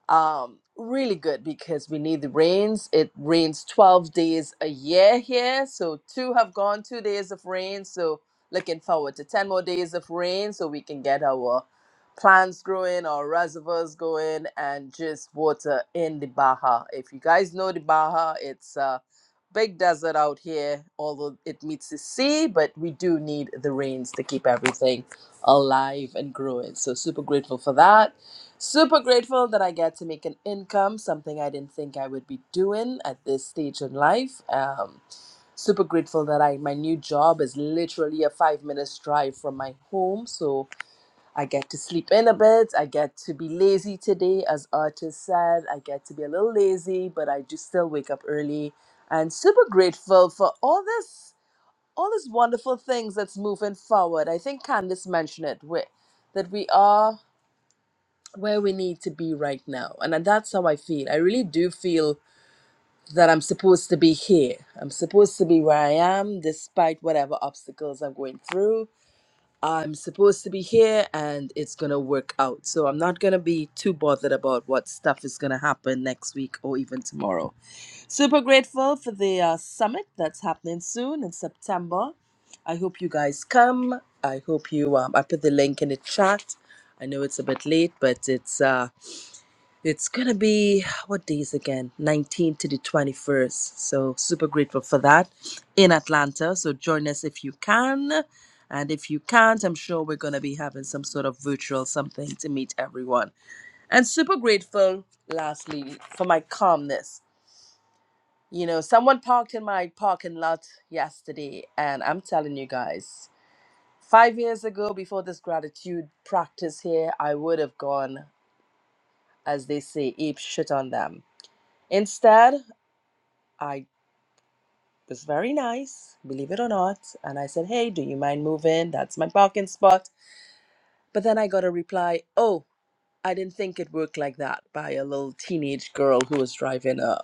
um, really good because we need the rains. It rains 12 days a year here. So two have gone, two days of rain. So looking forward to 10 more days of rain so we can get our plants growing, our reservoirs going, and just water in the Baja. If you guys know the Baja, it's a big desert out here, although it meets the sea, but we do need the rains to keep everything alive and growing. So super grateful for that Super grateful that I get to make an income, something I didn't think I would be doing at this stage in life. Um, super grateful that I my new job is literally a five minutes drive from my home, so I get to sleep in a bit. I get to be lazy today, as artist said. I get to be a little lazy, but I do still wake up early. And super grateful for all this, all these wonderful things that's moving forward. I think Candice mentioned it. we that we are where we need to be right now. And that's how I feel. I really do feel that I'm supposed to be here. I'm supposed to be where I am despite whatever obstacles I'm going through. I'm supposed to be here and it's going to work out. So I'm not going to be too bothered about what stuff is going to happen next week or even tomorrow. Super grateful for the uh, summit that's happening soon in September. I hope you guys come. I hope you um, I put the link in the chat. I know it's a bit late, but it's uh it's gonna be what days again? 19th to the 21st. So super grateful for that in Atlanta. So join us if you can. And if you can't, I'm sure we're gonna be having some sort of virtual something to meet everyone. And super grateful, lastly, for my calmness. You know, someone parked in my parking lot yesterday, and I'm telling you guys, five years ago, before this gratitude practice here, I would have gone, as they say, ape shit on them. Instead, I was very nice, believe it or not. And I said, Hey, do you mind moving? That's my parking spot. But then I got a reply, Oh, I didn't think it worked like that by a little teenage girl who was driving a,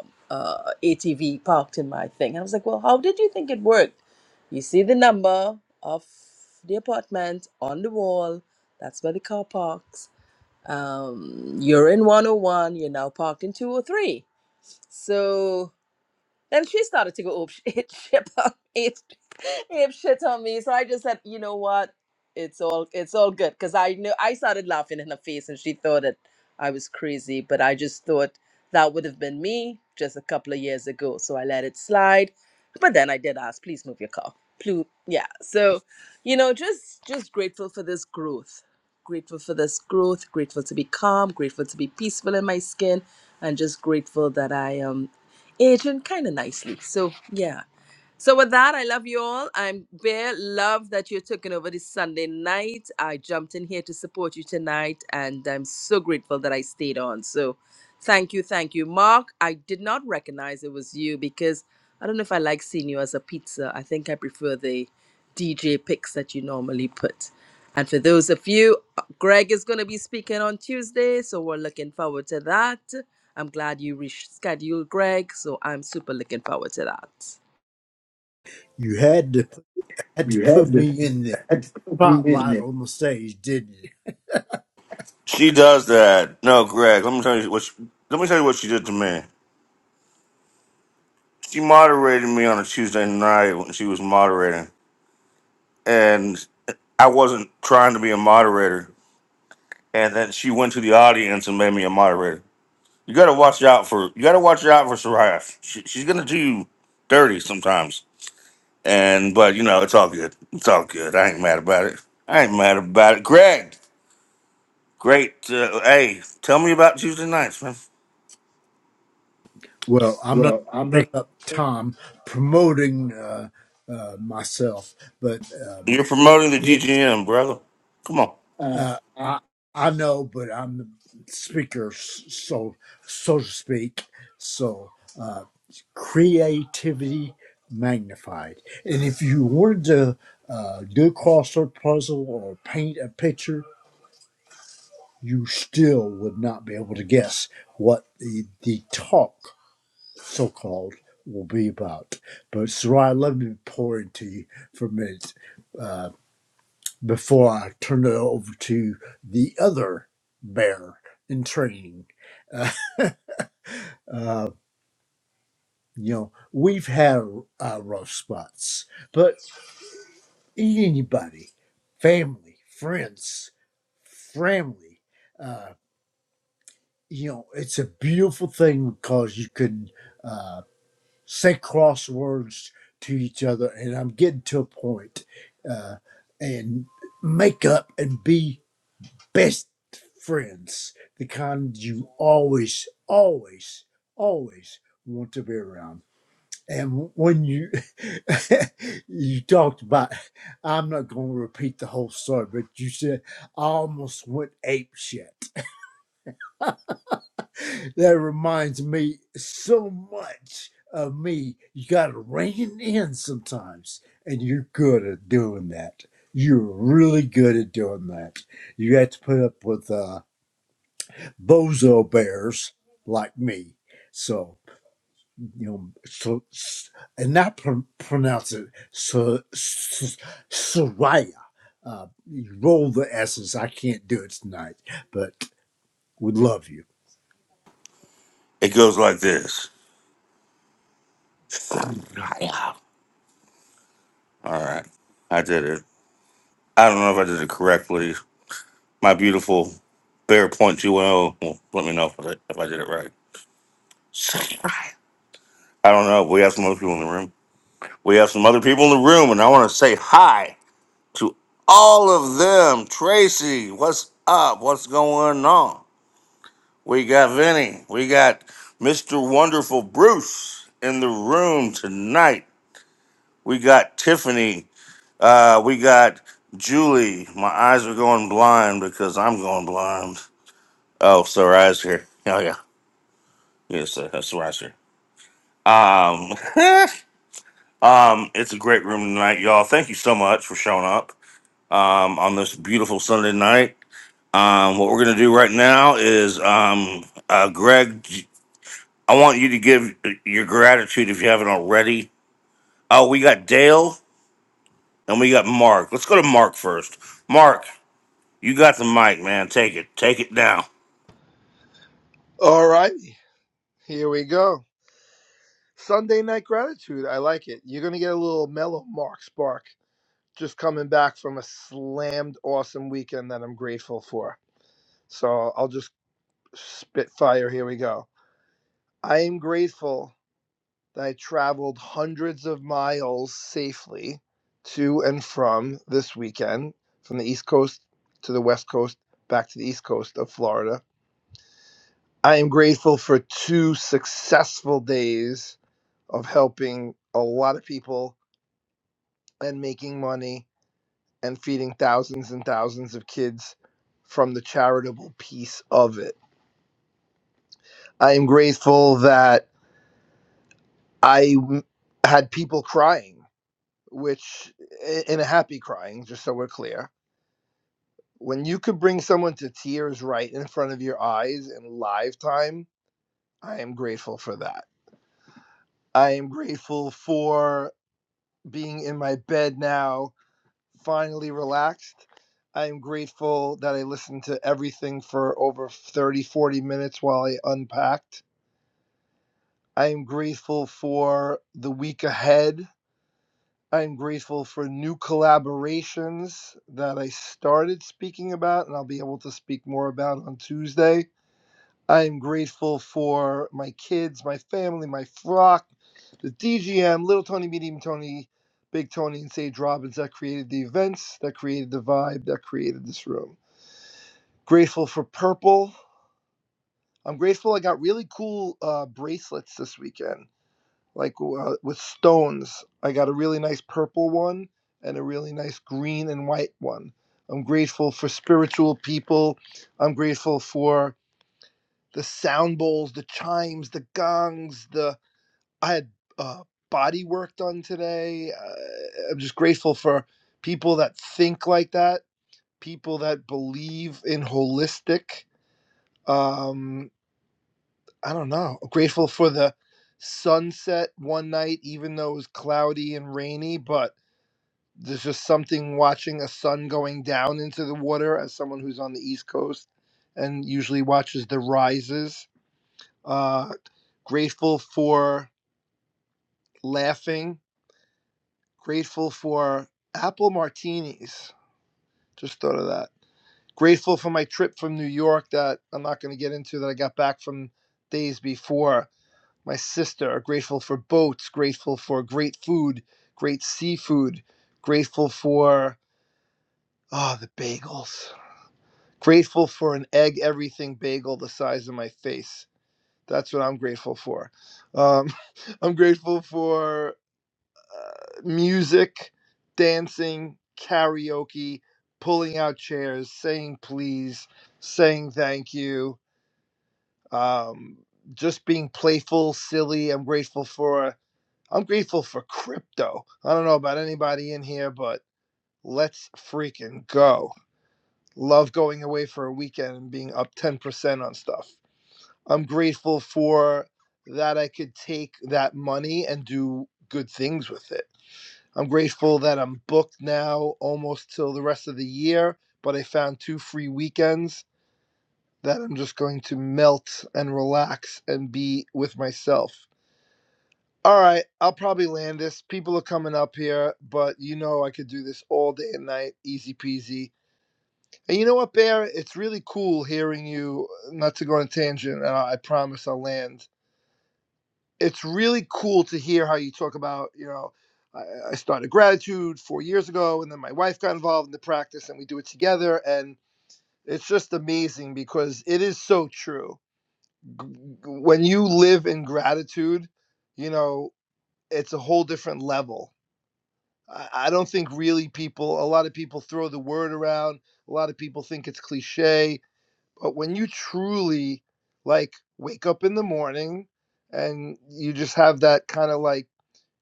ATV parked in my thing. I was like, Well, how did you think it worked? You see the number of the apartment on the wall. That's where the car parks. Um, you're in 101. You're now parked in 203. So Then she started to go oh, shit, shit on me, ape shit on me. So I just said, you know what? It's all it's all good because I knew I started laughing in her face and she thought that I was crazy, but I just thought that would have been me just a couple of years ago. So I let it slide. But then I did ask, please move your car. Please, yeah. So, you know, just just grateful for this growth. Grateful for this growth, grateful to be calm, grateful to be peaceful in my skin, and just grateful that I am aging kind of nicely. So yeah, so with that, I love you all. I'm bare love that you're taking over this Sunday night. I jumped in here to support you tonight, and I'm so grateful that I stayed on. So thank you, thank you. Mark, I did not recognize it was you because I don't know if I like seeing you as a pizza. I think I prefer the DJ picks that you normally put. And for those of you, Greg is going to be speaking on Tuesday, so we're looking forward to that. I'm glad you rescheduled Greg, so I'm super looking forward to that. You had to had to put me in the spotlight that. on the stage, didn't you? She does that. No, Greg. Let me tell you what. She, let me tell you what she did to me. She moderated me on a Tuesday night when she was moderating, and I wasn't trying to be a moderator. And then she went to the audience and made me a moderator. You got to watch out for. You got to watch out for Soraya. She, she's gonna do you dirty sometimes. And but you know it's all good. It's all good. I ain't mad about it. I ain't mad about it. Greg, great. Uh, hey, tell me about Tuesday nights, man. Well, I'm not Well, I'm not. going to take up time promoting uh, uh, myself, but um, You're promoting the it GGM, brother. Come on. Uh, uh, uh. I I know, but I'm the speaker, s- so so to speak. So uh, creativity magnified, and if you wanted to uh, do a crossword puzzle or paint a picture, you still would not be able to guess what the the talk so called will be about. But Sarai, let me pour into you for a minute uh, before I turn it over to the other bear in training. Uh, uh, you know, we've had our rough spots, but anybody, family, friends, family, uh, you know, it's a beautiful thing because you can. uh, say crosswords to each other, and I'm getting to a point, uh, and make up and be best friends, the kind you always, always, always want to be around. And when you you talked about, I'm not going to repeat the whole story, but you said I almost went ape shit that reminds me so much of me. You got to rein in sometimes, and you're good at doing that. You're really good at doing that. You have to put up with uh, bozo bears like me. So you know, so, s- and not pr- pronounce it so, so, Soraya. Uh, you roll the s's. I can't do it tonight, but we love you. It goes like this. All right. I did it. I don't know if I did it correctly. My beautiful Bear Point UNO will let me know if I, if I did it right. I don't know. We have some other people in the room. We have some other people in the room, and I want to say hi to all of them. Tracy, what's up? What's going on? We got Vinny. We got Mr. Wonderful Bruce in the room tonight. We got Tiffany. Uh, we got Julie. My eyes are going blind because I'm going blind. Oh, so Rise here. Oh yeah, yes, uh, that's Rise here. Um, um, it's a great room tonight, y'all. Thank you so much for showing up um, on this beautiful Sunday night. Um, what we're gonna do right now is, um, uh, Greg, I want you to give uh, your gratitude if you haven't already. Oh, we got Dale and we got Mark. Let's go to Mark first. Mark, You got the mic, man. Take it. Take it down. All right, here we go. Sunday night gratitude. I like it. You're gonna get a little mellow Mark Spark just coming back from a slammed awesome weekend that I'm grateful for. So I'll just spit fire. Here we go. I am grateful that I traveled hundreds of miles safely to and from this weekend, from the East Coast to the West Coast, back to the East Coast of Florida. I am grateful for two successful days of helping a lot of people and making money and feeding thousands and thousands of kids from the charitable piece of it. I am grateful that I w- had people crying, which i- in a happy crying, just so we're clear. When you could bring someone to tears right in front of your eyes in live time, I am grateful for that. I am grateful for being in my bed now finally relaxed. I am grateful that I listened to everything for over 30, 40 minutes while I unpacked. I am grateful for the week ahead. I am grateful for new collaborations that I started speaking about and I'll be able to speak more about on Tuesday. I am grateful for my kids, my family, my flock, the DGM, Little Tony, Medium Tony, Big Tony, and Sage Robbins that created the events, that created the vibe, that created this room. Grateful for purple. I'm grateful I got really cool uh, bracelets this weekend, like uh, with stones. I got a really nice purple one and a really nice green and white one. I'm grateful for spiritual people. I'm grateful for the sound bowls, the chimes, the gongs. The I had uh, body work done today. Uh, I'm just grateful for people that think like that, people that believe in holistic. Um, I don't know. Grateful for the sunset one night, even though it was cloudy and rainy, but there's just something watching a sun going down into the water as someone who's on the East Coast and usually watches the rises. Uh, grateful for laughing. Grateful for apple martinis. Just thought of that. Grateful for my trip from New York that I'm not going to get into that I got back from days before my sister are grateful for boats, grateful for great food, great seafood, grateful for oh the bagels. Grateful for an egg everything bagel the size of my face. That's what I'm grateful for. Um, I'm grateful for music, dancing, karaoke, pulling out chairs, saying please, saying thank you, um, just being playful, silly. I'm grateful for I'm grateful for crypto. I don't know about anybody in here, but let's freaking go. Love going away for a weekend and being up 10% on stuff. I'm grateful for that I could take that money and do good things with it. I'm grateful that I'm booked now almost till the rest of the year, but I found two free weekends that I'm just going to melt and relax and be with myself. All right, I'll probably land this. People are coming up here, but you know I could do this all day and night, easy peasy. And you know what, Bear? It's really cool hearing you. uh, Not to go on a tangent, and I, I promise I'll land. It's really cool to hear how you talk about, you know, I, I started gratitude four years ago, and then my wife got involved in the practice, and we do it together. And it's just amazing because it is so true. G- When you live in gratitude, you know, it's a whole different level I, I don't think really people, a lot of people throw the word around. A lot of people think it's cliche. But when you truly like wake up in the morning and you just have that kind of like,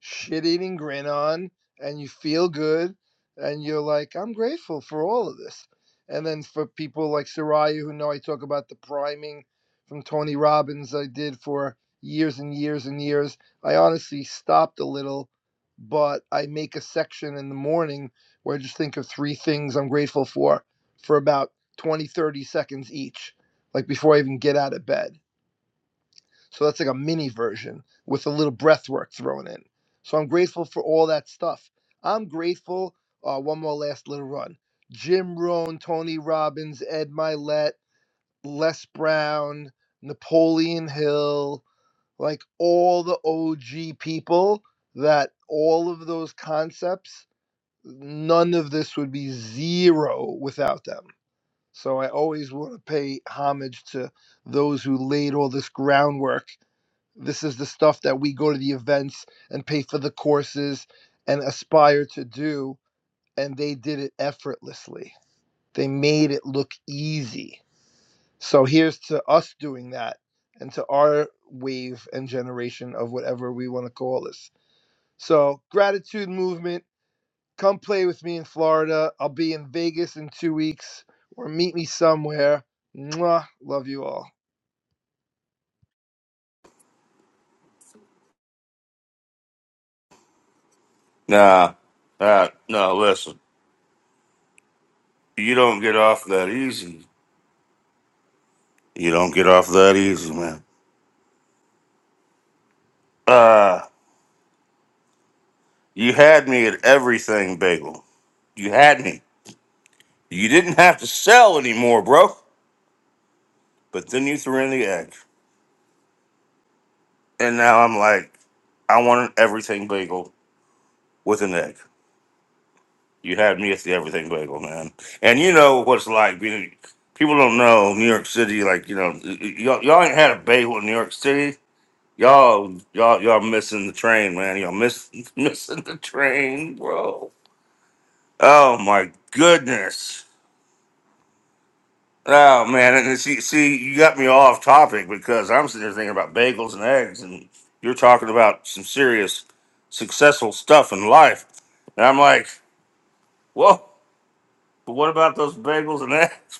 shit eating grin on and you feel good and you're like, I'm grateful for all of this. And then for people like Soraya, who know I talk about the priming from Tony Robbins I did for years and years and years, I honestly stopped a little, but I make a section in the morning where I just think of three things I'm grateful for for about 20, 30 seconds each, like before I even get out of bed. So that's like a mini version with a little breath work thrown in. So I'm grateful for all that stuff. I'm grateful. Uh, one more last little run. Jim Rohn, Tony Robbins, Ed Milet, Les Brown, Napoleon Hill, like all the OG people that all of those concepts, none of this would be zero without them. So I always want to pay homage to those who laid all this groundwork this is the stuff that we go to the events and pay for the courses and aspire to do. And they did it effortlessly. They made it look easy. So here's to us doing that and to our wave and generation of whatever we want to call this. So, gratitude movement, come play with me in Florida. I'll be in Vegas in two weeks or meet me somewhere. Mwah. Love you all. Nah. Uh, no, listen. You don't get off that easy. You don't get off that easy, man. Uh, you had me at everything, Bagel. You had me. You didn't have to sell anymore, bro. But then you threw in the egg. And now I'm like, I want an everything bagel with an egg. You had me at the everything bagel, man. And you know what it's like being. People don't know New York City. Like you know, y- y- y'all, y'all ain't had a bagel in New York City Y'all, y'all, y'all missing the train, man. Y'all miss missing the train, bro. Oh my goodness. Oh man, and see, see, you got me off topic because I'm sitting there thinking about bagels and eggs, and you're talking about some serious, successful stuff in life, and I'm like, whoa. But what about those bagels and eggs?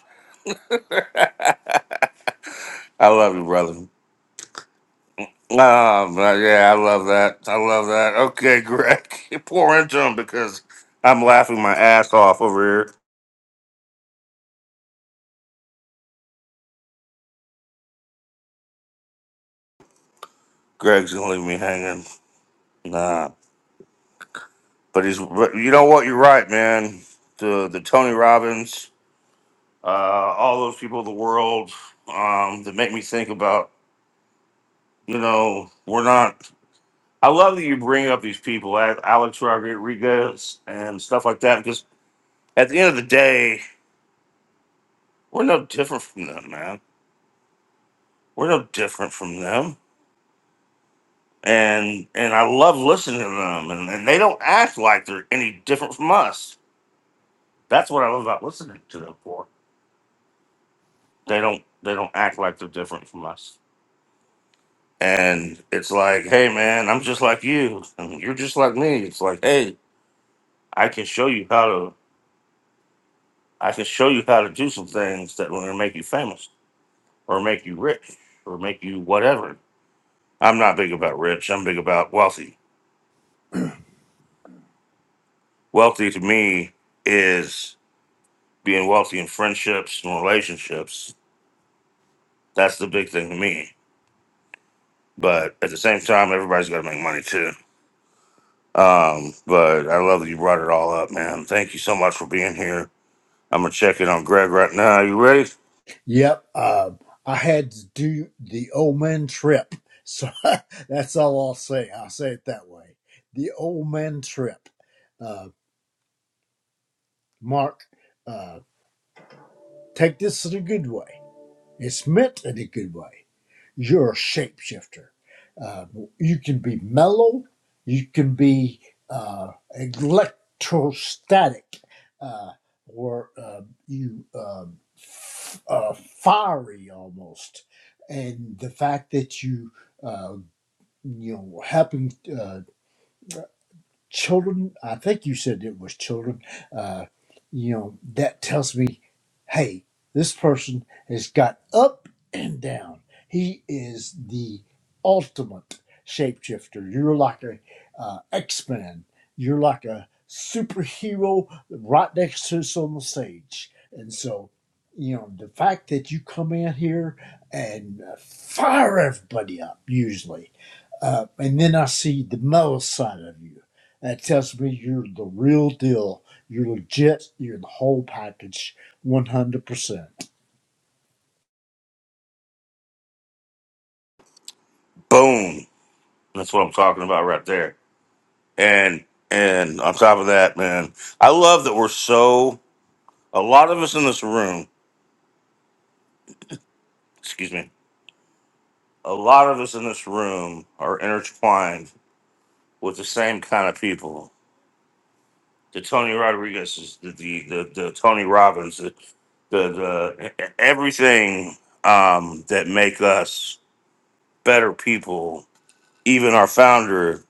I love you, brother. Oh, but yeah, I love that. I love that. Okay, Greg, pour into him because I'm laughing my ass off over here. Greg's gonna leave me hanging. Nah, but he's. But you know what? You're right, man. The the Tony Robbins, uh, all those people of the world, um, that make me think about. You know, we're not. I love that you bring up these people, A- Alex Rodriguez and stuff like that, because at the end of the day, we're no different from them, man. We're no different from them and and I love listening to them, and, and they don't act like they're any different from us. That's what I love about listening to them for. They don't they don't act like they're different from us, and it's like, hey man, I'm just like you, and you're just like me. It's like, hey, I can show you how to I can show you how to do some things that will make you famous or make you rich or make you whatever. I'm not big about rich. I'm big about wealthy. Wealthy to me is being wealthy in friendships and relationships That's the big thing to me. But at the same time, everybody's got to make money too. Um, but I love that you brought it all up, man. Thank you so much for being here. I'm gonna check in on Greg right now. you ready? Yep. Uh, I had to do the old man trip. So that's all I'll say. I'll say it that way. The old man trip. Uh, Mark, uh, take this in a good way. It's meant in a good way. you're a shapeshifter. Uh, you can be mellow, you can be uh, electrostatic, uh, or uh, you um, f- uh, fiery almost. And the fact that you, uh, you know, helping. uh, children i think you said it was children uh, you know that tells me hey this person has got up and down he is the ultimate shapeshifter you're like a uh, x-men you're like a superhero right next to us on the stage and so you know the fact that you come in here and uh, fire everybody up usually uh, and then I see the metal side of you. That tells me you're the real deal. You're legit. You're the whole package, 100%. Boom. That's what I'm talking about right there. And and on top of that, man, I love that we're so a lot of us in this room, excuse me, a lot of us in this room are intertwined with the same kind of people the Tony Rodriguez's, the the the, the Tony Robbins, the, the the everything um, that make us better people. Even our founder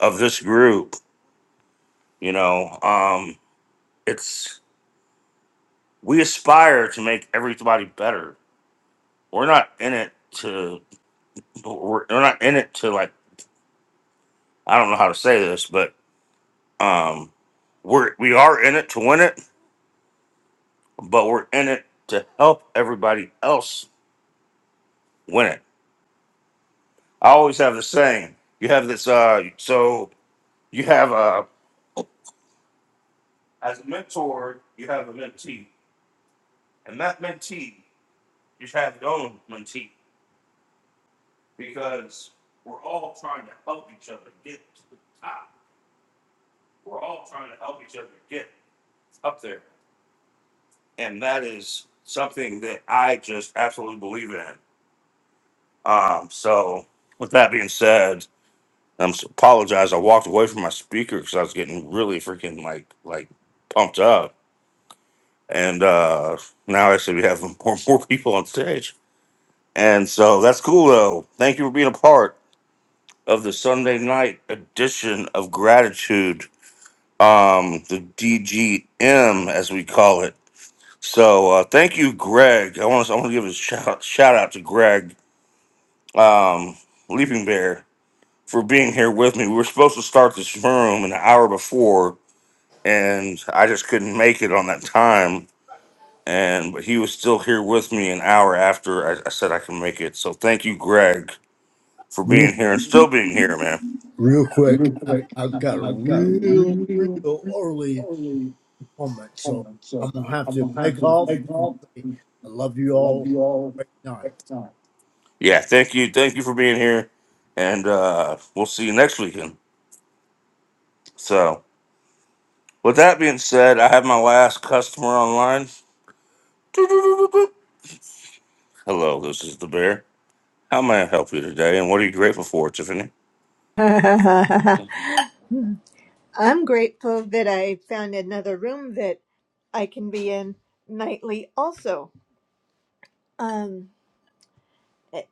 of this group, you know, um, it's we aspire to make everybody better. We're not in it to we're, we're not in it to like I don't know how to say this, but um, we're we are in it to win it, but we're in it to help everybody else win it I always have the same. You have this. Uh, so you have a as a mentor, you have a mentee, and that mentee, you have your own mentee because we're all trying to help each other get to the top. We're all trying to help each other get up there, and that is something that I just absolutely believe in. Um, so with that being said, I'm s- apologize. I walked away from my speaker because I was getting really freaking like like pumped up and uh, now actually we have more more people on stage, and so that's cool though. Thank you for being a part of the Sunday night edition of Gratitude, um, the DGM as we call it. So uh, thank you, Greg. I want to I want to give a shout shout out to Greg, um, Leaping Bear, for being here with me. We were supposed to start this room an hour before, and I just couldn't make it on that time and but he was still here with me an hour after I, I said I can make it. So thank you, Greg, for Real, being here and still being here, man. real quick, Real I- quick, I've I- got a I've got a real, real, real real early early moment. So comment, I'm so going to have I'm to gonna have beg to off take and off. say, I I love you love all. you all. Great night. Big time. Yeah, thank you, thank you for being here, and uh, we'll see you next weekend. So with that being said, I have my last customer online. Hello, this is the bear. How may I help you today, and what are you grateful for, Tiffany? I'm grateful that I found another room that I can be in nightly also. Um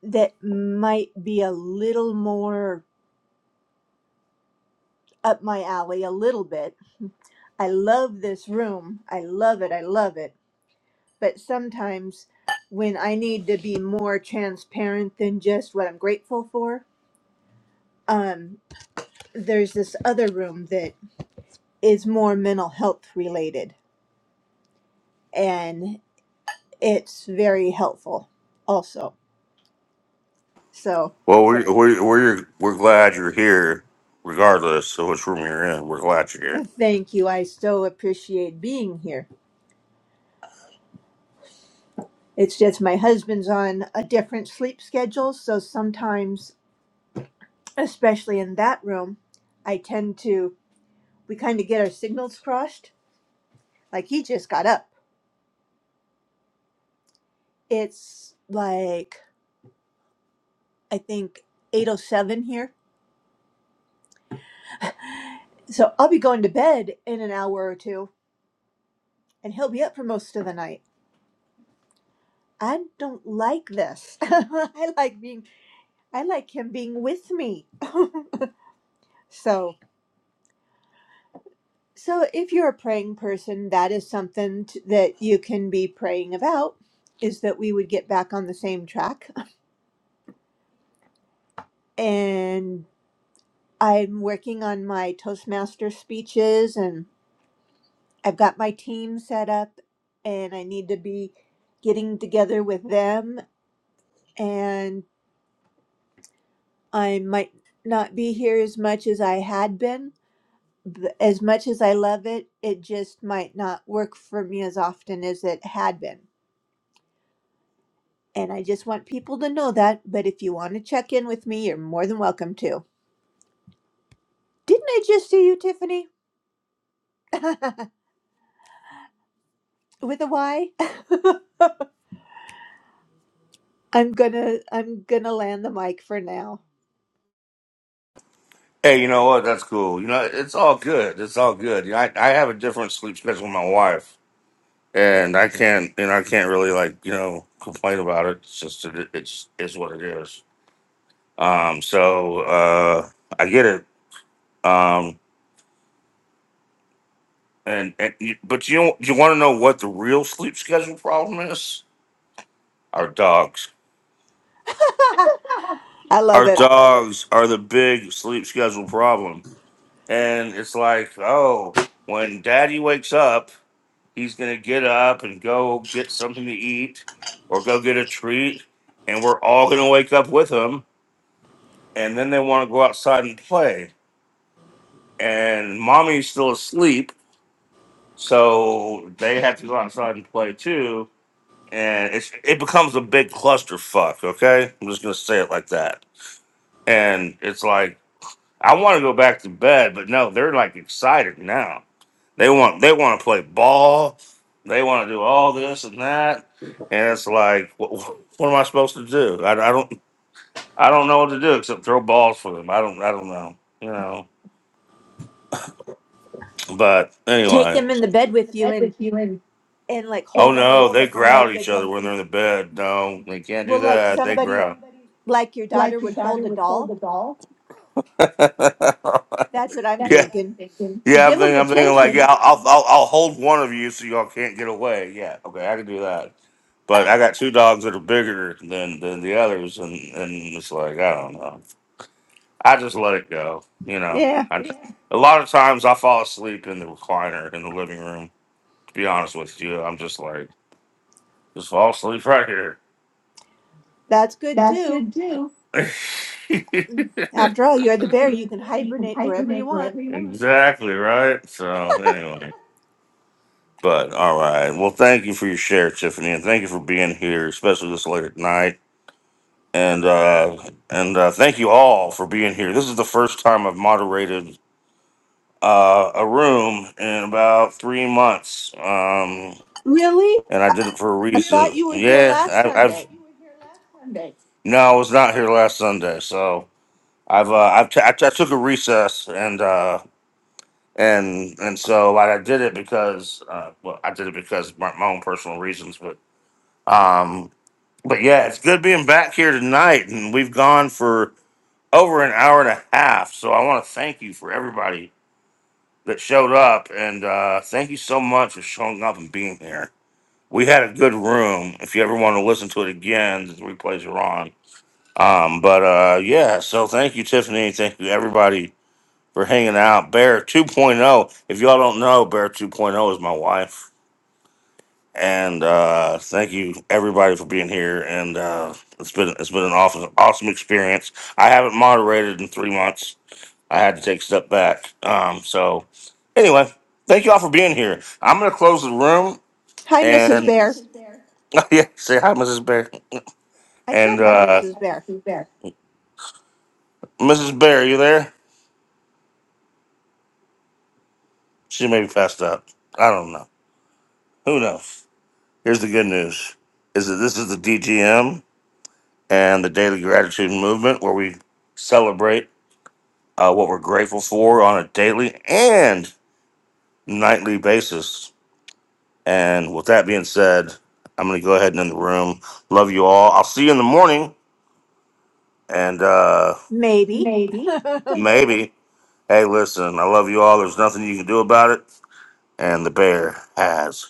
that might be a little more up my alley a little bit. I love this room. I love it. I love it. But sometimes when I need to be more transparent than just what I'm grateful for, um there's this other room that is more mental health related it's very helpful also. So Well, we're we're we're, we're glad you're here, regardless of which room you're in. We're glad you're here. thank you. I so appreciate being here. It's just my husband's on a different sleep schedule. So sometimes, especially in that room, I tend to, we kind of get our signals crossed. Like he just got up. It's like, I think 8.07 here. So I'll be going to bed in an hour or two and he'll be up for most of the night. I don't like this. I like being I like him being with me. So, so if you're a praying person, that is something t that you can be praying about is that we would get back on the same track. And I'm working on my Toastmaster speeches and I've got my team set up and I need to be getting together with them and I might not be here as much as I had been th- as much as I love it, it just might not work for me as often as it had been. And I just want people to know that. But if you want to check in with me, you're more than welcome to. Didn't I just see you, Tiffany? with a Y? I'm gonna I'm gonna land the mic for now. Hey, you know what? That's cool. You know, it's all good. It's all good. You know, I I have a different sleep schedule with my wife, and I can't you know I can't really like you know complain about it. It's just it, it's is what it is. Um, so uh, I get it. Um, and and you- but you know, you want to know what the real sleep schedule problem is? Our dogs. I love Our it. dogs are the big sleep schedule problem And it's like, oh, when daddy wakes up, he's going to get up and go get something to eat or go get a treat. And we're all going to wake up with him. And then they want to go outside and play. And mommy's still asleep. So they have to go outside and play too. And it's, it becomes a big clusterfuck. Okay. I'm just going to say it like that. And it's like, I want to go back to bed, but no, they're like excited now. They want they want to play ball. They want to do all this and that, and it's like, what, what am I supposed to do? I, I don't I don't know what to do except throw balls for them. I don't I don't know, you know. But Take anyway, them in the Take bed them in the with you bed with and you and, and and like oh hold play them no, ball like they the- with growl at like each a other when they're in the bed. No, they can't do well like that. They want somebody growl. somebody like your daughter like would your hold daughter a would hold the doll. ball? That's what I'm Yeah, yeah. thinking. I'm Give them thinking. I'm thinking like, yeah, attention. I'll, I'll, I'll I'll hold one of you so y'all can't get away. Yeah, okay, I can do that. But I got two dogs that are bigger than than the others, and and it's like I don't know. I just let it go. You know, Yeah, I, a lot of times I fall asleep in the recliner in the living room. To be honest with you, I'm just like just fall asleep right here. that's good too. exactly After all, you're the bear. You can hibernate wherever you want. right. So anyway. But all right. Well, thank you for your share, Tiffany, and thank you for being here, especially this late at night. And uh, and uh, thank you all for being here. This is the first time I've moderated uh, a room in about three months, um, Really? and I did it for a I reason. thought you were here Yeah, last I, I've Sunday. no, I was not here last Sunday, so I've uh, I've t- I, t- I took a recess and uh, and and so I did it because uh, well I did it because my, my own personal reasons, but. Um, But yeah, it's good being back here tonight, and we've gone for over an hour and a half. So I want to thank you for everybody that showed up, and uh, thank you so much for showing up and being here. We had a good room. If you ever want to listen to it again, the replays are on. Um, but uh, yeah, so thank you, Tiffany. Thank you, everybody, for hanging out. Bear 2.0. If y'all don't know, Bear 2.0 is my wife. And uh, thank you everybody for being here. And uh, it's been it's been an awesome awesome experience. I haven't moderated in three months. I had to take a step back. Um, so anyway, thank you all for being here. I'm gonna close the room Hi, Mrs. and Bear. yeah, say hi, Mrs. Bear. I said And hi, uh, Mrs. Bear. Mrs. Bear, you there? She may be passed out. I don't know. Who knows? Here's the good news: is that this is the DGM and the Daily Gratitude Movement, where we celebrate uh, what we're grateful for on a daily and nightly basis. And with that being said, I'm going to go ahead and end the room. Love you all. I'll see you in the morning. And uh, Maybe. maybe, hey, listen, I love you all. There's nothing you can do about it. And the bear has.